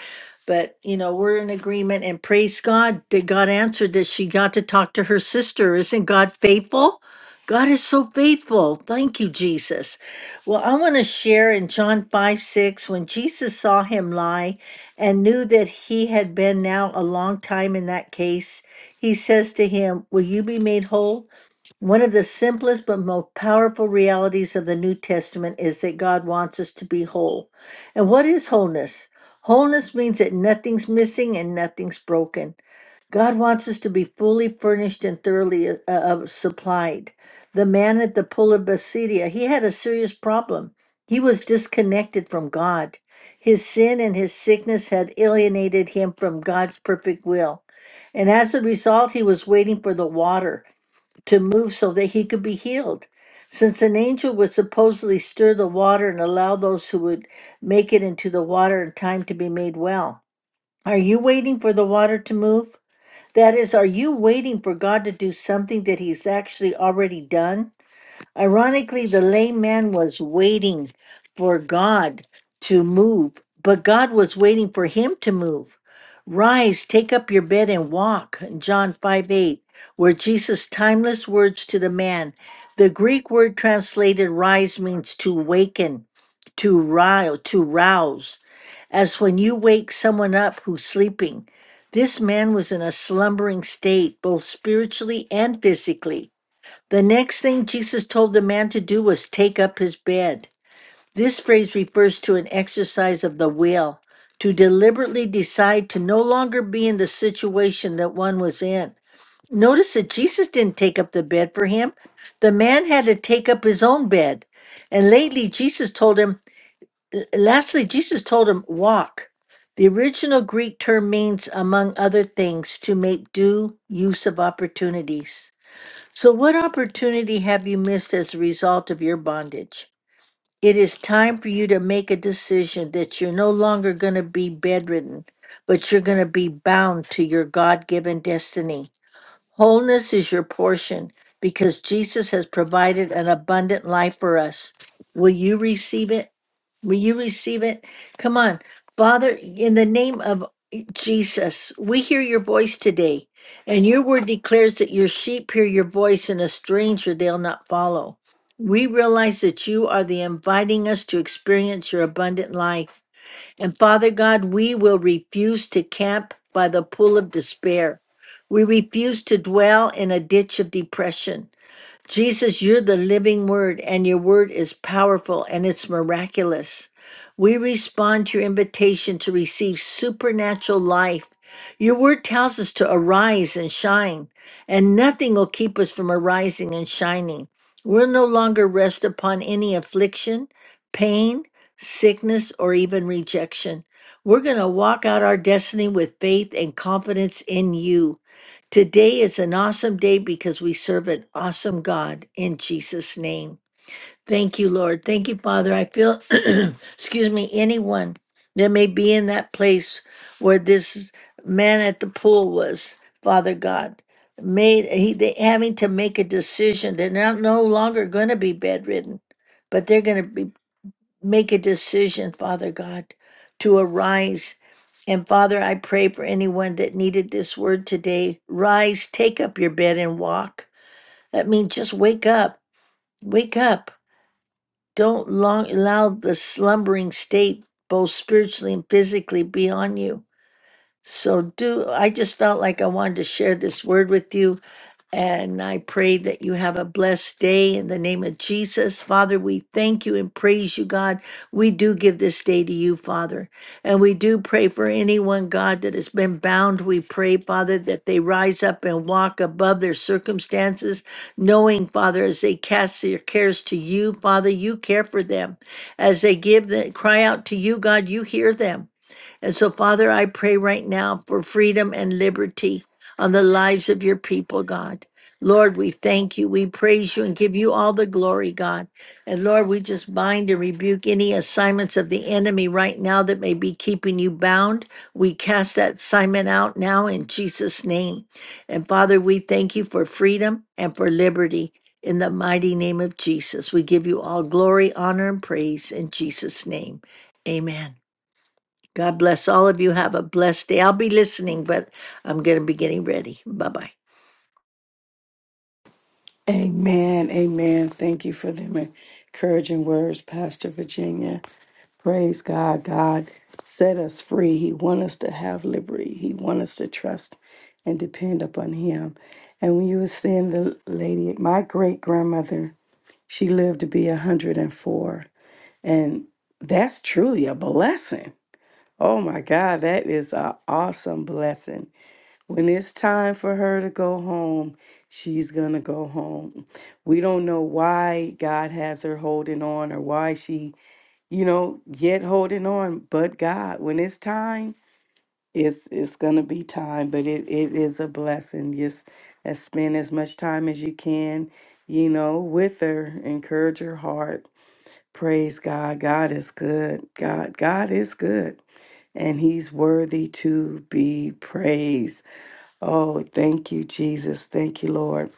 G: but you know we're in agreement and praise god that god answered that she got to talk to her sister isn't god faithful God is so faithful. Thank you, Jesus. Well, I want to share in John 5 6, when Jesus saw him lie and knew that he had been now a long time in that case, he says to him, Will you be made whole? One of the simplest but most powerful realities of the New Testament is that God wants us to be whole. And what is wholeness? Wholeness means that nothing's missing and nothing's broken. God wants us to be fully furnished and thoroughly uh, uh, supplied. The man at the pool of Bethsaida, he had a serious problem. He was disconnected from God. His sin and his sickness had alienated him from God's perfect will. And as a result, he was waiting for the water to move so that he could be healed. Since an angel would supposedly stir the water and allow those who would make it into the water in time to be made well. Are you waiting for the water to move? That is, are you waiting for God to do something that He's actually already done? Ironically, the lame man was waiting for God to move, but God was waiting for him to move. Rise, take up your bed and walk, John 5 8, were Jesus' timeless words to the man. The Greek word translated rise means to waken, to rile, to rouse as when you wake someone up who's sleeping. This man was in a slumbering state, both spiritually and physically. The next thing Jesus told the man to do was take up his bed. This phrase refers to an exercise of the will, to deliberately decide to no longer be in the situation that one was in. Notice that Jesus didn't take up the bed for him. The man had to take up his own bed. And lately, Jesus told him, Lastly, Jesus told him, walk. The original Greek term means, among other things, to make due use of opportunities. So, what opportunity have you missed as a result of your bondage? It is time for you to make a decision that you're no longer going to be bedridden, but you're going to be bound to your God given destiny. Wholeness is your portion because Jesus has provided an abundant life for us. Will you receive it? Will you receive it? Come on. Father, in the name of Jesus, we hear your voice today, and your word declares that your sheep hear your voice, and a stranger they'll not follow. We realize that you are the inviting us to experience your abundant life. And Father God, we will refuse to camp by the pool of despair. We refuse to dwell in a ditch of depression. Jesus, you're the living word, and your word is powerful and it's miraculous. We respond to your invitation to receive supernatural life. Your word tells us to arise and shine, and nothing will keep us from arising and shining. We'll no longer rest upon any affliction, pain, sickness, or even rejection. We're going to walk out our destiny with faith and confidence in you. Today is an awesome day because we serve an awesome God in Jesus' name. Thank you, Lord. Thank you, Father. I feel, [CLEARS THROAT] excuse me, anyone that may be in that place where this man at the pool was, Father God, made he they having to make a decision. They're not no longer going to be bedridden, but they're going to be make a decision, Father God, to arise. And Father, I pray for anyone that needed this word today. Rise, take up your bed and walk. That means just wake up. Wake up. Don't long allow the slumbering state, both spiritually and physically, be on you. So do I just felt like I wanted to share this word with you and I pray that you have a blessed day in the name of Jesus. Father, we thank you and praise you, God. We do give this day to you, Father. And we do pray for anyone, God, that has been bound. We pray, Father, that they rise up and walk above their circumstances, knowing, Father, as they cast their cares to you, Father, you care for them. As they give the cry out to you, God, you hear them. And so, Father, I pray right now for freedom and liberty on the lives of your people, God. Lord, we thank you, we praise you, and give you all the glory, God. And Lord, we just bind and rebuke any assignments of the enemy right now that may be keeping you bound. We cast that assignment out now in Jesus' name. And Father, we thank you for freedom and for liberty in the mighty name of Jesus. We give you all glory, honor, and praise in Jesus' name. Amen. God bless all of you. Have a blessed day. I'll be listening, but I'm going to be getting ready. Bye bye.
A: Amen. Amen. Thank you for them encouraging words, Pastor Virginia. Praise God. God set us free. He wants us to have liberty. He wants us to trust and depend upon Him. And when you were saying the lady, my great grandmother, she lived to be 104. And four. And that's truly a blessing. Oh my God, that is an awesome blessing. When it's time for her to go home, she's going to go home. We don't know why God has her holding on or why she, you know, yet holding on, but God, when it's time, it's it's going to be time, but it, it is a blessing. Just uh, spend as much time as you can, you know, with her, encourage her heart. Praise God. God is good. God God is good and he's worthy to be praised. Oh, thank you, Jesus. Thank you, Lord.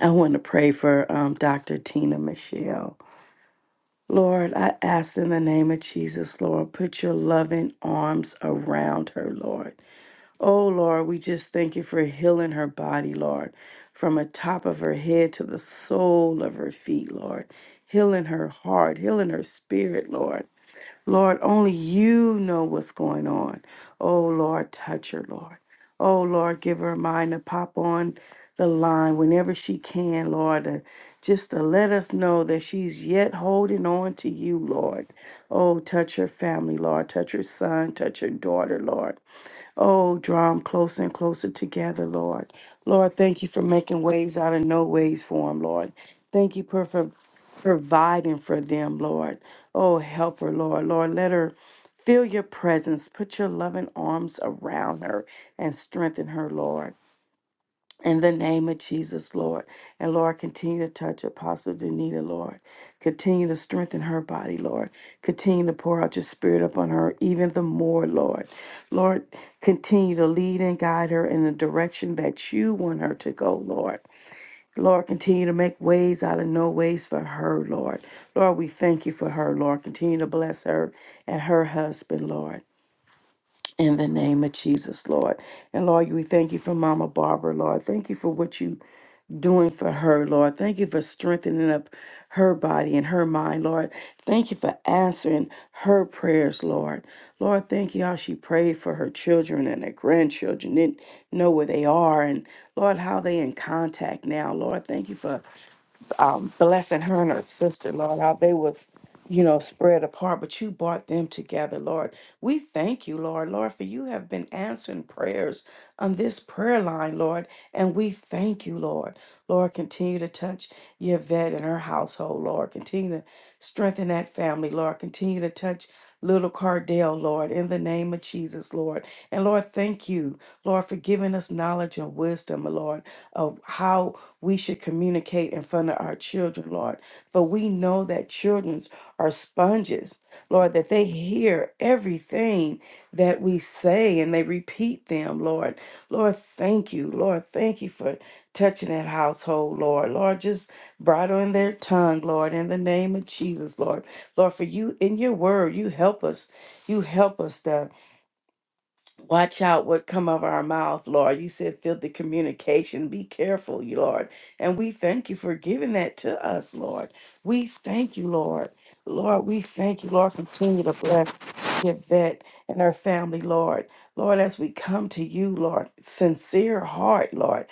A: I want to pray for um, Dr. Tina Michelle. Lord, I ask in the name of Jesus, Lord, put your loving arms around her, Lord. Oh, Lord, we just thank you for healing her body, Lord, from the top of her head to the sole of her feet, Lord. Healing her heart, healing her spirit, Lord. Lord, only you know what's going on. Oh, Lord, touch her, Lord. Oh, Lord, give her a mind to pop on the line whenever she can, Lord, uh, just to let us know that she's yet holding on to you, Lord. Oh, touch her family, Lord. Touch her son, touch her daughter, Lord. Oh, draw them closer and closer together, Lord. Lord, thank you for making ways out of no ways for them, Lord. Thank you for, for providing for them, Lord. Oh, help her, Lord. Lord, let her feel your presence. Put your loving arms around her and strengthen her, Lord. In the name of Jesus, Lord. And Lord, continue to touch Apostle Danita, Lord. Continue to strengthen her body, Lord. Continue to pour out your spirit upon her even the more, Lord. Lord, continue to lead and guide her in the direction that you want her to go, Lord. Lord, continue to make ways out of no ways for her, Lord. Lord, we thank you for her, Lord. Continue to bless her and her husband, Lord. In the name of Jesus, Lord. And Lord, we thank you for Mama Barbara, Lord. Thank you for what you doing for her, Lord. Thank you for strengthening up her body and her mind, Lord. Thank you for answering her prayers, Lord. Lord, thank you how she prayed for her children and her grandchildren, didn't know where they are, and Lord, how they in contact now, Lord. Thank you for um, blessing her and her sister, Lord, how they was, you know, spread apart, but you brought them together, Lord. We thank you, Lord, Lord, for you have been answering prayers on this prayer line, Lord, and we thank you, Lord. Lord, continue to touch Yvette and her household, Lord. Continue to strengthen that family, Lord. Continue to touch little Cardell, Lord, in the name of Jesus, Lord. And Lord, thank you, Lord, for giving us knowledge and wisdom, Lord, of how we should communicate in front of our children, Lord. For we know that childrens are sponges, Lord, that they hear everything that we say and they repeat them, Lord. Lord, thank you. Lord, thank you for touching that household, Lord. Lord, just bridling their tongue, Lord, in the name of Jesus, Lord. Lord, for you in your word, you help us. You help us, Watch out what come out of our mouth, Lord. You said filthy communication. Be careful, you Lord. And we thank you for giving that to us, Lord. We thank you, Lord. Lord, we thank you, Lord. Continue to bless Yvette and her family, Lord. Lord, as we come to you, Lord, sincere heart, Lord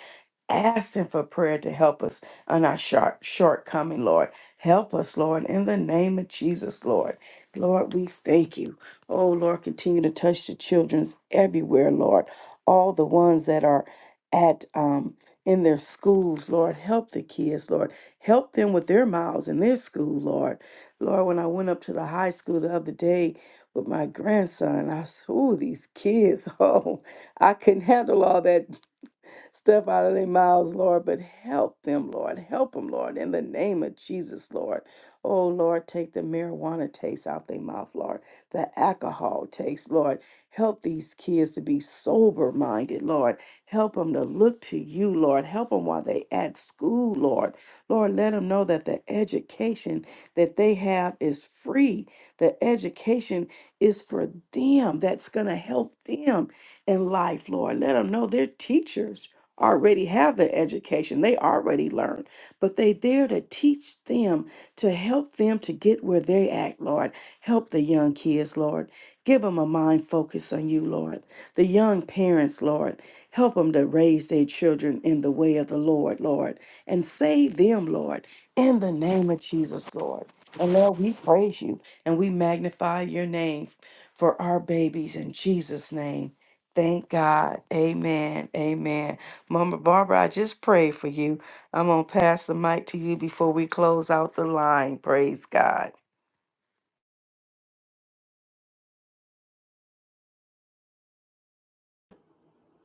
A: asking for prayer to help us on our short shortcoming, Lord. Help us, Lord, in the name of Jesus, Lord. Lord, we thank you. Oh, Lord, continue to touch the childrens everywhere, Lord. All the ones that are at um in their schools, Lord, help the kids, Lord. Help them with their miles in their school, Lord. Lord, when I went up to the high school the other day with my grandson, I said, "Ooh, these kids! [LAUGHS] Oh, I couldn't handle all that stuff out of their mouths, Lord, but help them, Lord. Help them, Lord, in the name of Jesus, Lord. Oh, Lord, take the marijuana taste out their mouth, Lord, the alcohol taste, Lord. Help these kids to be sober minded, Lord. Help them to look to you, Lord. Help them while they at school, Lord. Lord, let them know that the education that they have is free. The education is for them. That's going to help them in life, Lord. Let them know their teachers already have their education, they already learned, but they there to teach them, to help them to get where they at, Lord. Help the young kids, Lord. Give them a mind focus on you, Lord. The young parents, Lord. Help them to raise their children in the way of the Lord, Lord, and save them, Lord, in the name of Jesus, Lord. And Lord, we praise you and we magnify your name for our babies in Jesus' name. Thank God. Amen. Amen. Mama Barbara, I just pray for you. I'm going to pass the mic to you before we close out the line. Praise God.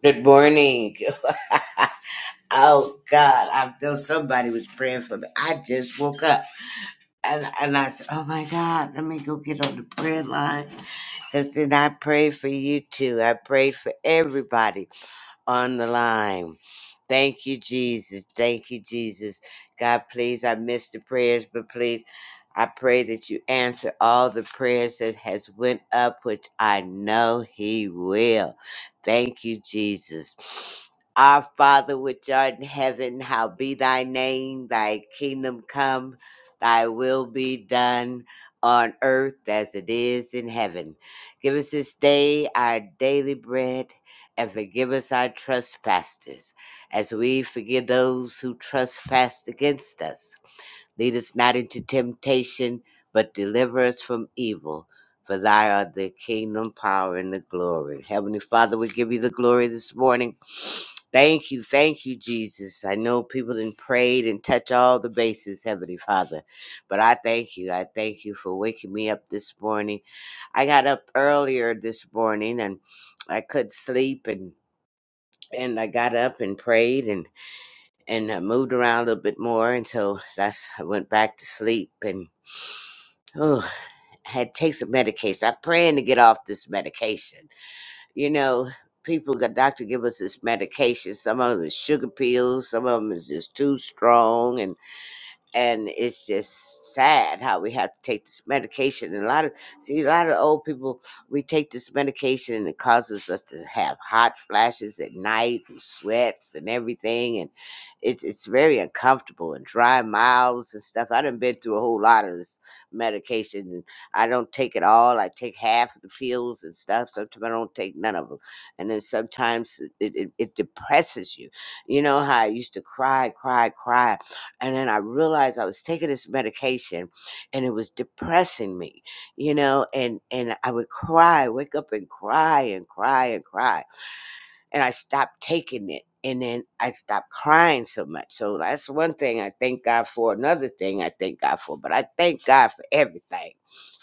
H: Good morning. [LAUGHS] Oh God, I know somebody was praying for me. I just woke up and, and I said, Oh my God, let me go get on the prayer line. Cause then I pray for you too. I pray for everybody on the line. Thank you, Jesus. Thank you, Jesus. God, please, I missed the prayers, but please, I pray that you answer all the prayers that has went up, which I know He will. Thank you, Jesus. Our Father which art in heaven, how be thy name, thy kingdom come, thy will be done on earth as it is in heaven. Give us this day our daily bread and forgive us our trespasses, as we forgive those who trespass against us. Lead us not into temptation, but deliver us from evil. For thy art the kingdom, power, and the glory. Heavenly Father, we give you the glory this morning. [SNIFFS] Thank you, thank you, Jesus. I know people did prayed and touch all the bases, Heavenly Father. But I thank you. I thank you for waking me up this morning. I got up earlier this morning and I couldn't sleep and and I got up and prayed and and I moved around a little bit more until that's I went back to sleep and oh I had to take some medication. I'm praying to get off this medication. You know, people the doctor give us this medication. Some of them is sugar pills, some of them is just too strong, and and it's just sad how we have to take this medication. And a lot of see a lot of old people, we take this medication and it causes us to have hot flashes at night and sweats and everything, and it's it's very uncomfortable and dry mouths and stuff. I done been through a whole lot of this medication, and I don't take it all. I take half of the pills and stuff. Sometimes I don't take none of them, and then sometimes it it, it depresses you. You know how I used to cry, cry, cry and then I realized I was taking this medication and it was depressing me, you know, and and I would cry, wake up and cry and cry and cry. And I stopped taking it. And then I stopped crying so much. So that's one thing I thank God for. Another thing I thank God for. But I thank God for everything.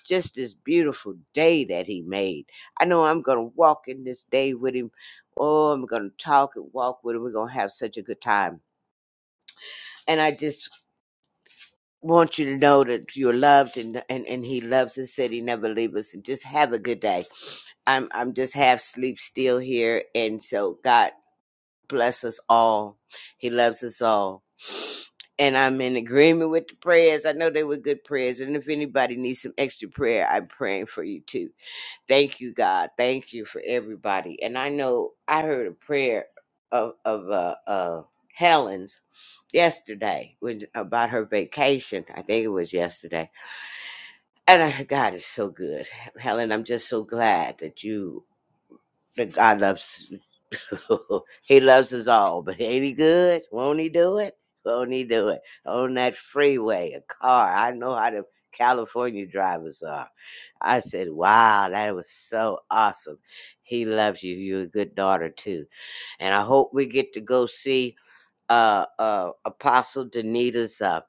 H: Just this beautiful day that He made. I know I'm going to walk in this day with Him. Oh, I'm going to talk and walk with Him. We're going to have such a good time and I just want you to know that you're loved and and, and he loves us said he never leave us and just have a good day i'm i'm just half sleep still here and so god bless us all he loves us all and i'm in agreement with the prayers i know they were good prayers and if anybody needs some extra prayer i'm praying for you too thank you god thank you for everybody and i know i heard a prayer of of uh uh helen's yesterday when about her vacation. I think it was yesterday. And I, God is so good, Helen. I'm just so glad that you that God loves. [LAUGHS] he loves us all, but ain't he good? Won't he do it? Won't he do it on that freeway? A car. I know how the California drivers are. I said, "Wow, that was so awesome." He loves you. You're a good daughter too, and I hope we get to go see uh, uh, Apostle Danita's. uh,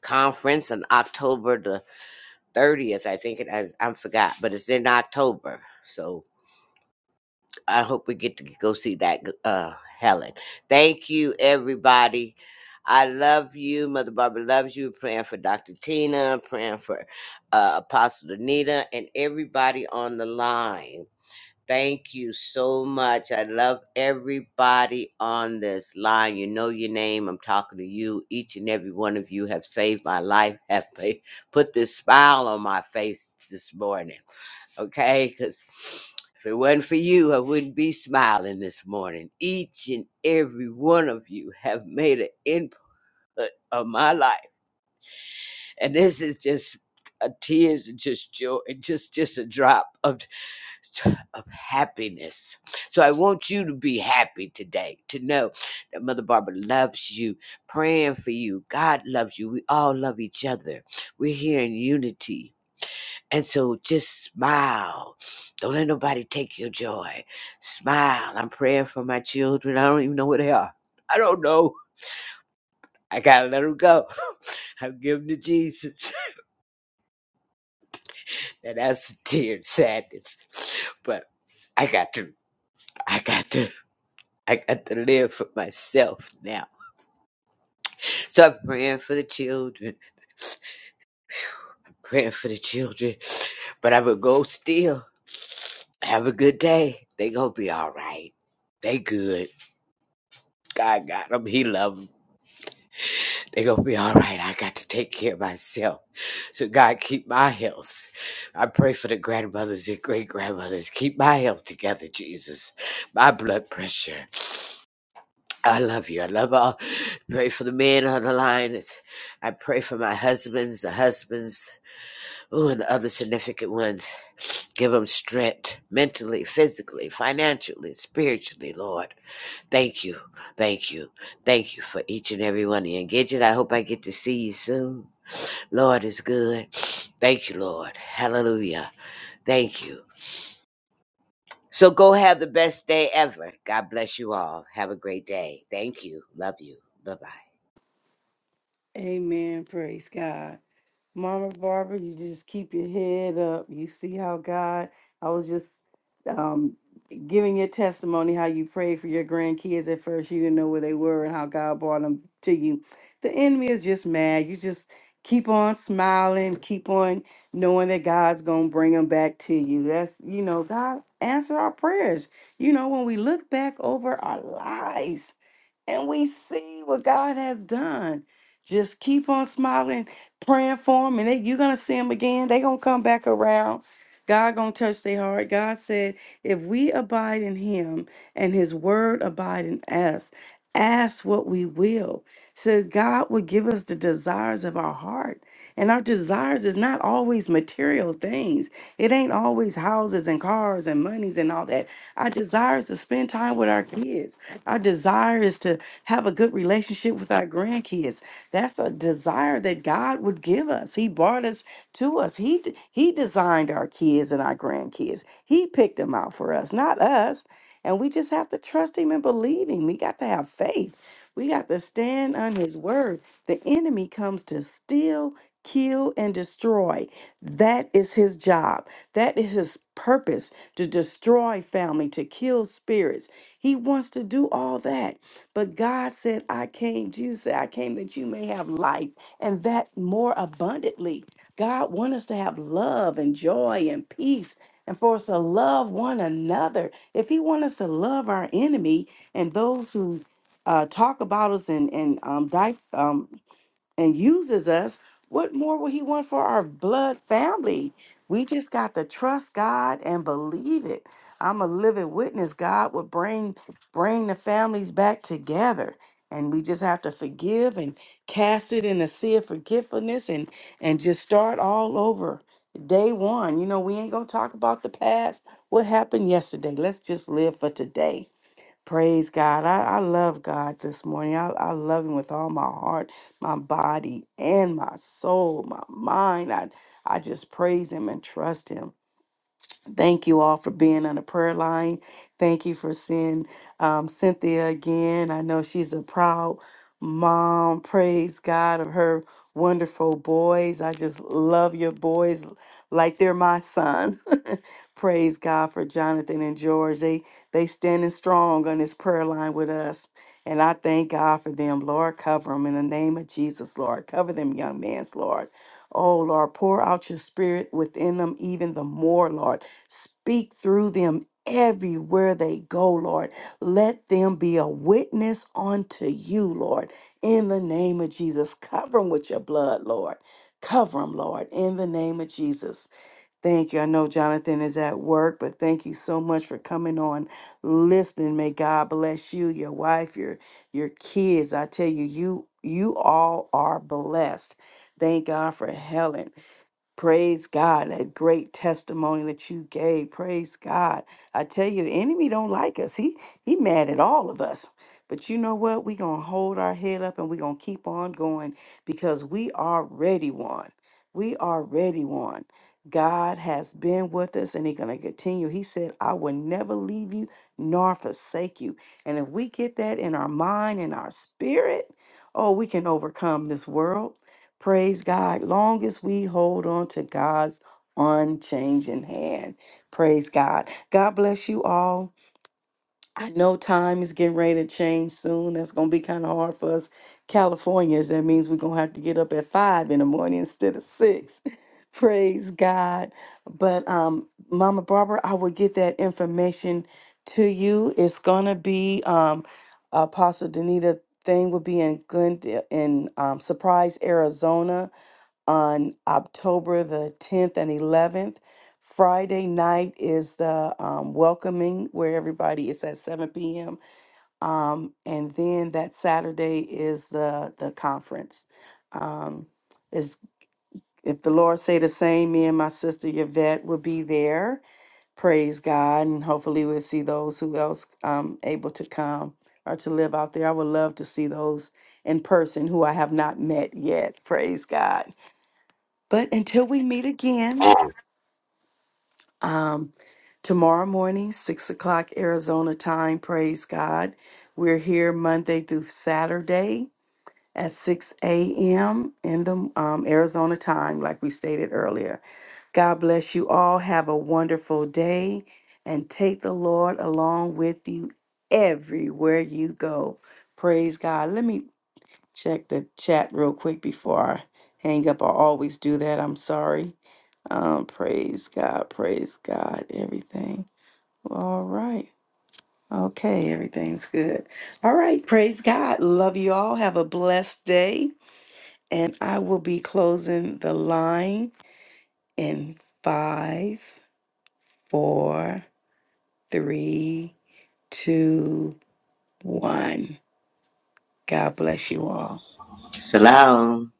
H: conference on October the 30th. I think it, I, I forgot, but it's in October. So I hope we get to go see that, uh, Helen. Thank you, everybody. I love you. Mother Barbara loves you. Praying for Dr. Tina, praying for uh, Apostle Anita, and everybody on the line. Thank you so much. I love everybody on this line. You know your name. I'm talking to you. Each and every one of you have saved my life, [LAUGHS] have pa- put this smile on my face this morning. Okay? Because if it wasn't for you, I wouldn't be smiling this morning. Each and every one of you have made an input on my life. And this is just a tears and just joy, just just a drop of of happiness. So I want you to be happy today, to know that Mother Barbara loves you, praying for you. God loves you. We all love each other. We're here in unity. And so just smile. Don't let nobody take your joy. Smile. I'm praying for my children. I don't even know where they are. I don't know. I gotta let them go. [LAUGHS] I'm giving to Jesus. [LAUGHS] And that's a tear of sadness. But I got to. I got to. I got to live for myself now. So I'm praying for the children, praying for the children. But I would go still. Have a good day. They gonna be all right. They good. God got them. He love them. They gonna be all right. I got to take care of myself. So God keep my health. I pray for the grandmothers and great grandmothers. Keep my health together, Jesus. My blood pressure. I love you. I love all. Pray for the men on the line. It's- I pray for my husbands, the husbands, ooh, and the other significant ones. Give them strength mentally, physically, financially, spiritually, Lord. Thank you. Thank you. Thank you for each and every one of you. And Gidget, I hope I get to see you soon. Lord is good. Thank you, Lord. Hallelujah. Thank you. So go have the best day ever. God bless you all. Have a great day. Thank you. Love you. Bye
A: Amen. Praise God. Mama Barbara, you just keep your head up. You see how God, I was just um, giving your testimony how you prayed for your grandkids at first. You didn't know where they were and how God brought them to you. The enemy is just mad. You just keep on smiling, keep on knowing that God's going to bring them back to you. That's, you know, God answer our prayers. You know, when we look back over our lives, and we see what God has done. Just keep on smiling, praying for them, and they, you're gonna see them again. they gonna come back around. God gonna touch their heart. God said, if we abide in him and his word abide in us, ask what we will. Says God will give us the desires of our heart. And our desires is not always material things. It ain't always houses and cars and monies and all that. Our desires to spend time with our kids our desire is to have a good relationship with our grandkids. That's a desire that God would give us. He brought us to us. He d- he designed our kids and our grandkids. He picked them out for us, not us. And we just have to trust him and believe him. We got to have faith. We got to stand on his word. The enemy comes to steal, kill, and destroy. That is his job. That is his purpose to destroy family, to kill spirits he wants to do all that. But God said, I came, Jesus said, I came that you may have life and that more abundantly. God wants us to have love and joy and peace and for us to love one another. If He wants us to love our enemy and those who uh, talk about us and, and um, di- um, and uses us, what more would he want for our blood family? We just got to trust God and believe it. I'm a living witness. God will bring bring the families back together. And we just have to forgive and cast it in the sea of forgetfulness and and just start all over. Day one. You know, we ain't gonna talk about the past, what happened yesterday. Let's just live for today Praise God. I, I love God this morning. I, I love Him with all my heart, my body, and my soul, my mind. I, I just praise Him and trust Him. Thank you all for being on the prayer line. Thank you for seeing um, Cynthia again. I know she's a proud mom. Praise God of her wonderful boys. I just love your boys like they're my son. [LAUGHS] Praise God for Jonathan and George. They they standing strong on this prayer line with us. And I thank God for them. Lord, cover them in the name of Jesus, Lord. Cover them, young man's Lord. Oh, Lord, pour out your spirit within them even the more, Lord. Speak through them everywhere they go, Lord. Let them be a witness unto you, Lord. In the name of Jesus, cover them with your blood, Lord. Cover them, Lord, in the name of Jesus. Thank you. I know Jonathan is at work, but thank you so much for coming on, listening. May God bless you, your wife, your your kids. I tell you, you you all are blessed. Thank God for Helen. Praise God, that great testimony that you gave. Praise God. I tell you, the enemy don't like us. He he mad at all of us. But you know what? We're gonna hold our head up and we're gonna keep on going because we already won. We already won. God has been with us and He's gonna continue. He said, I will never leave you nor forsake you. And if we get that in our mind and our spirit, oh, we can overcome this world. Praise God. Long as we hold on to God's unchanging hand. Praise God. God bless you all. I know time is getting ready to change soon. That's going to be kind of hard for us Californians. That means we're going to have to get up at five in the morning instead of six. [LAUGHS] Praise God. But um, Mama Barbara, I will get that information to you. It's going to be um, Apostle Danita thing will be in Glendale in um, Surprise, Arizona on October the 10th and 11th. Friday night is the um, welcoming where everybody is at 7 p.m. Um, and then that Saturday is the the conference. Um, is if the Lord say the same, me and my sister Yvette will be there. Praise God, and hopefully we'll see those who else um able to come or to live out there. I would love to see those in person who I have not met yet. Praise God. But until we meet again,
H: bye.
A: um, tomorrow morning, 6 o'clock Arizona time, praise God. We're here Monday through Saturday at 6 a.m. in the um, Arizona time, like we stated earlier. God bless you all. Have a wonderful day and take the Lord along with you everywhere you go. Praise God. Let me check the chat real quick before I hang up. I always do that. I'm sorry. Um, praise God, praise God, everything. All right. Okay, everything's good. All right, praise God. Love you all. Have a blessed day. And I will be closing the line in five, four, three, two, one. God bless you all.
H: Shalom.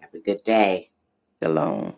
H: Have a good day.
A: Shalom.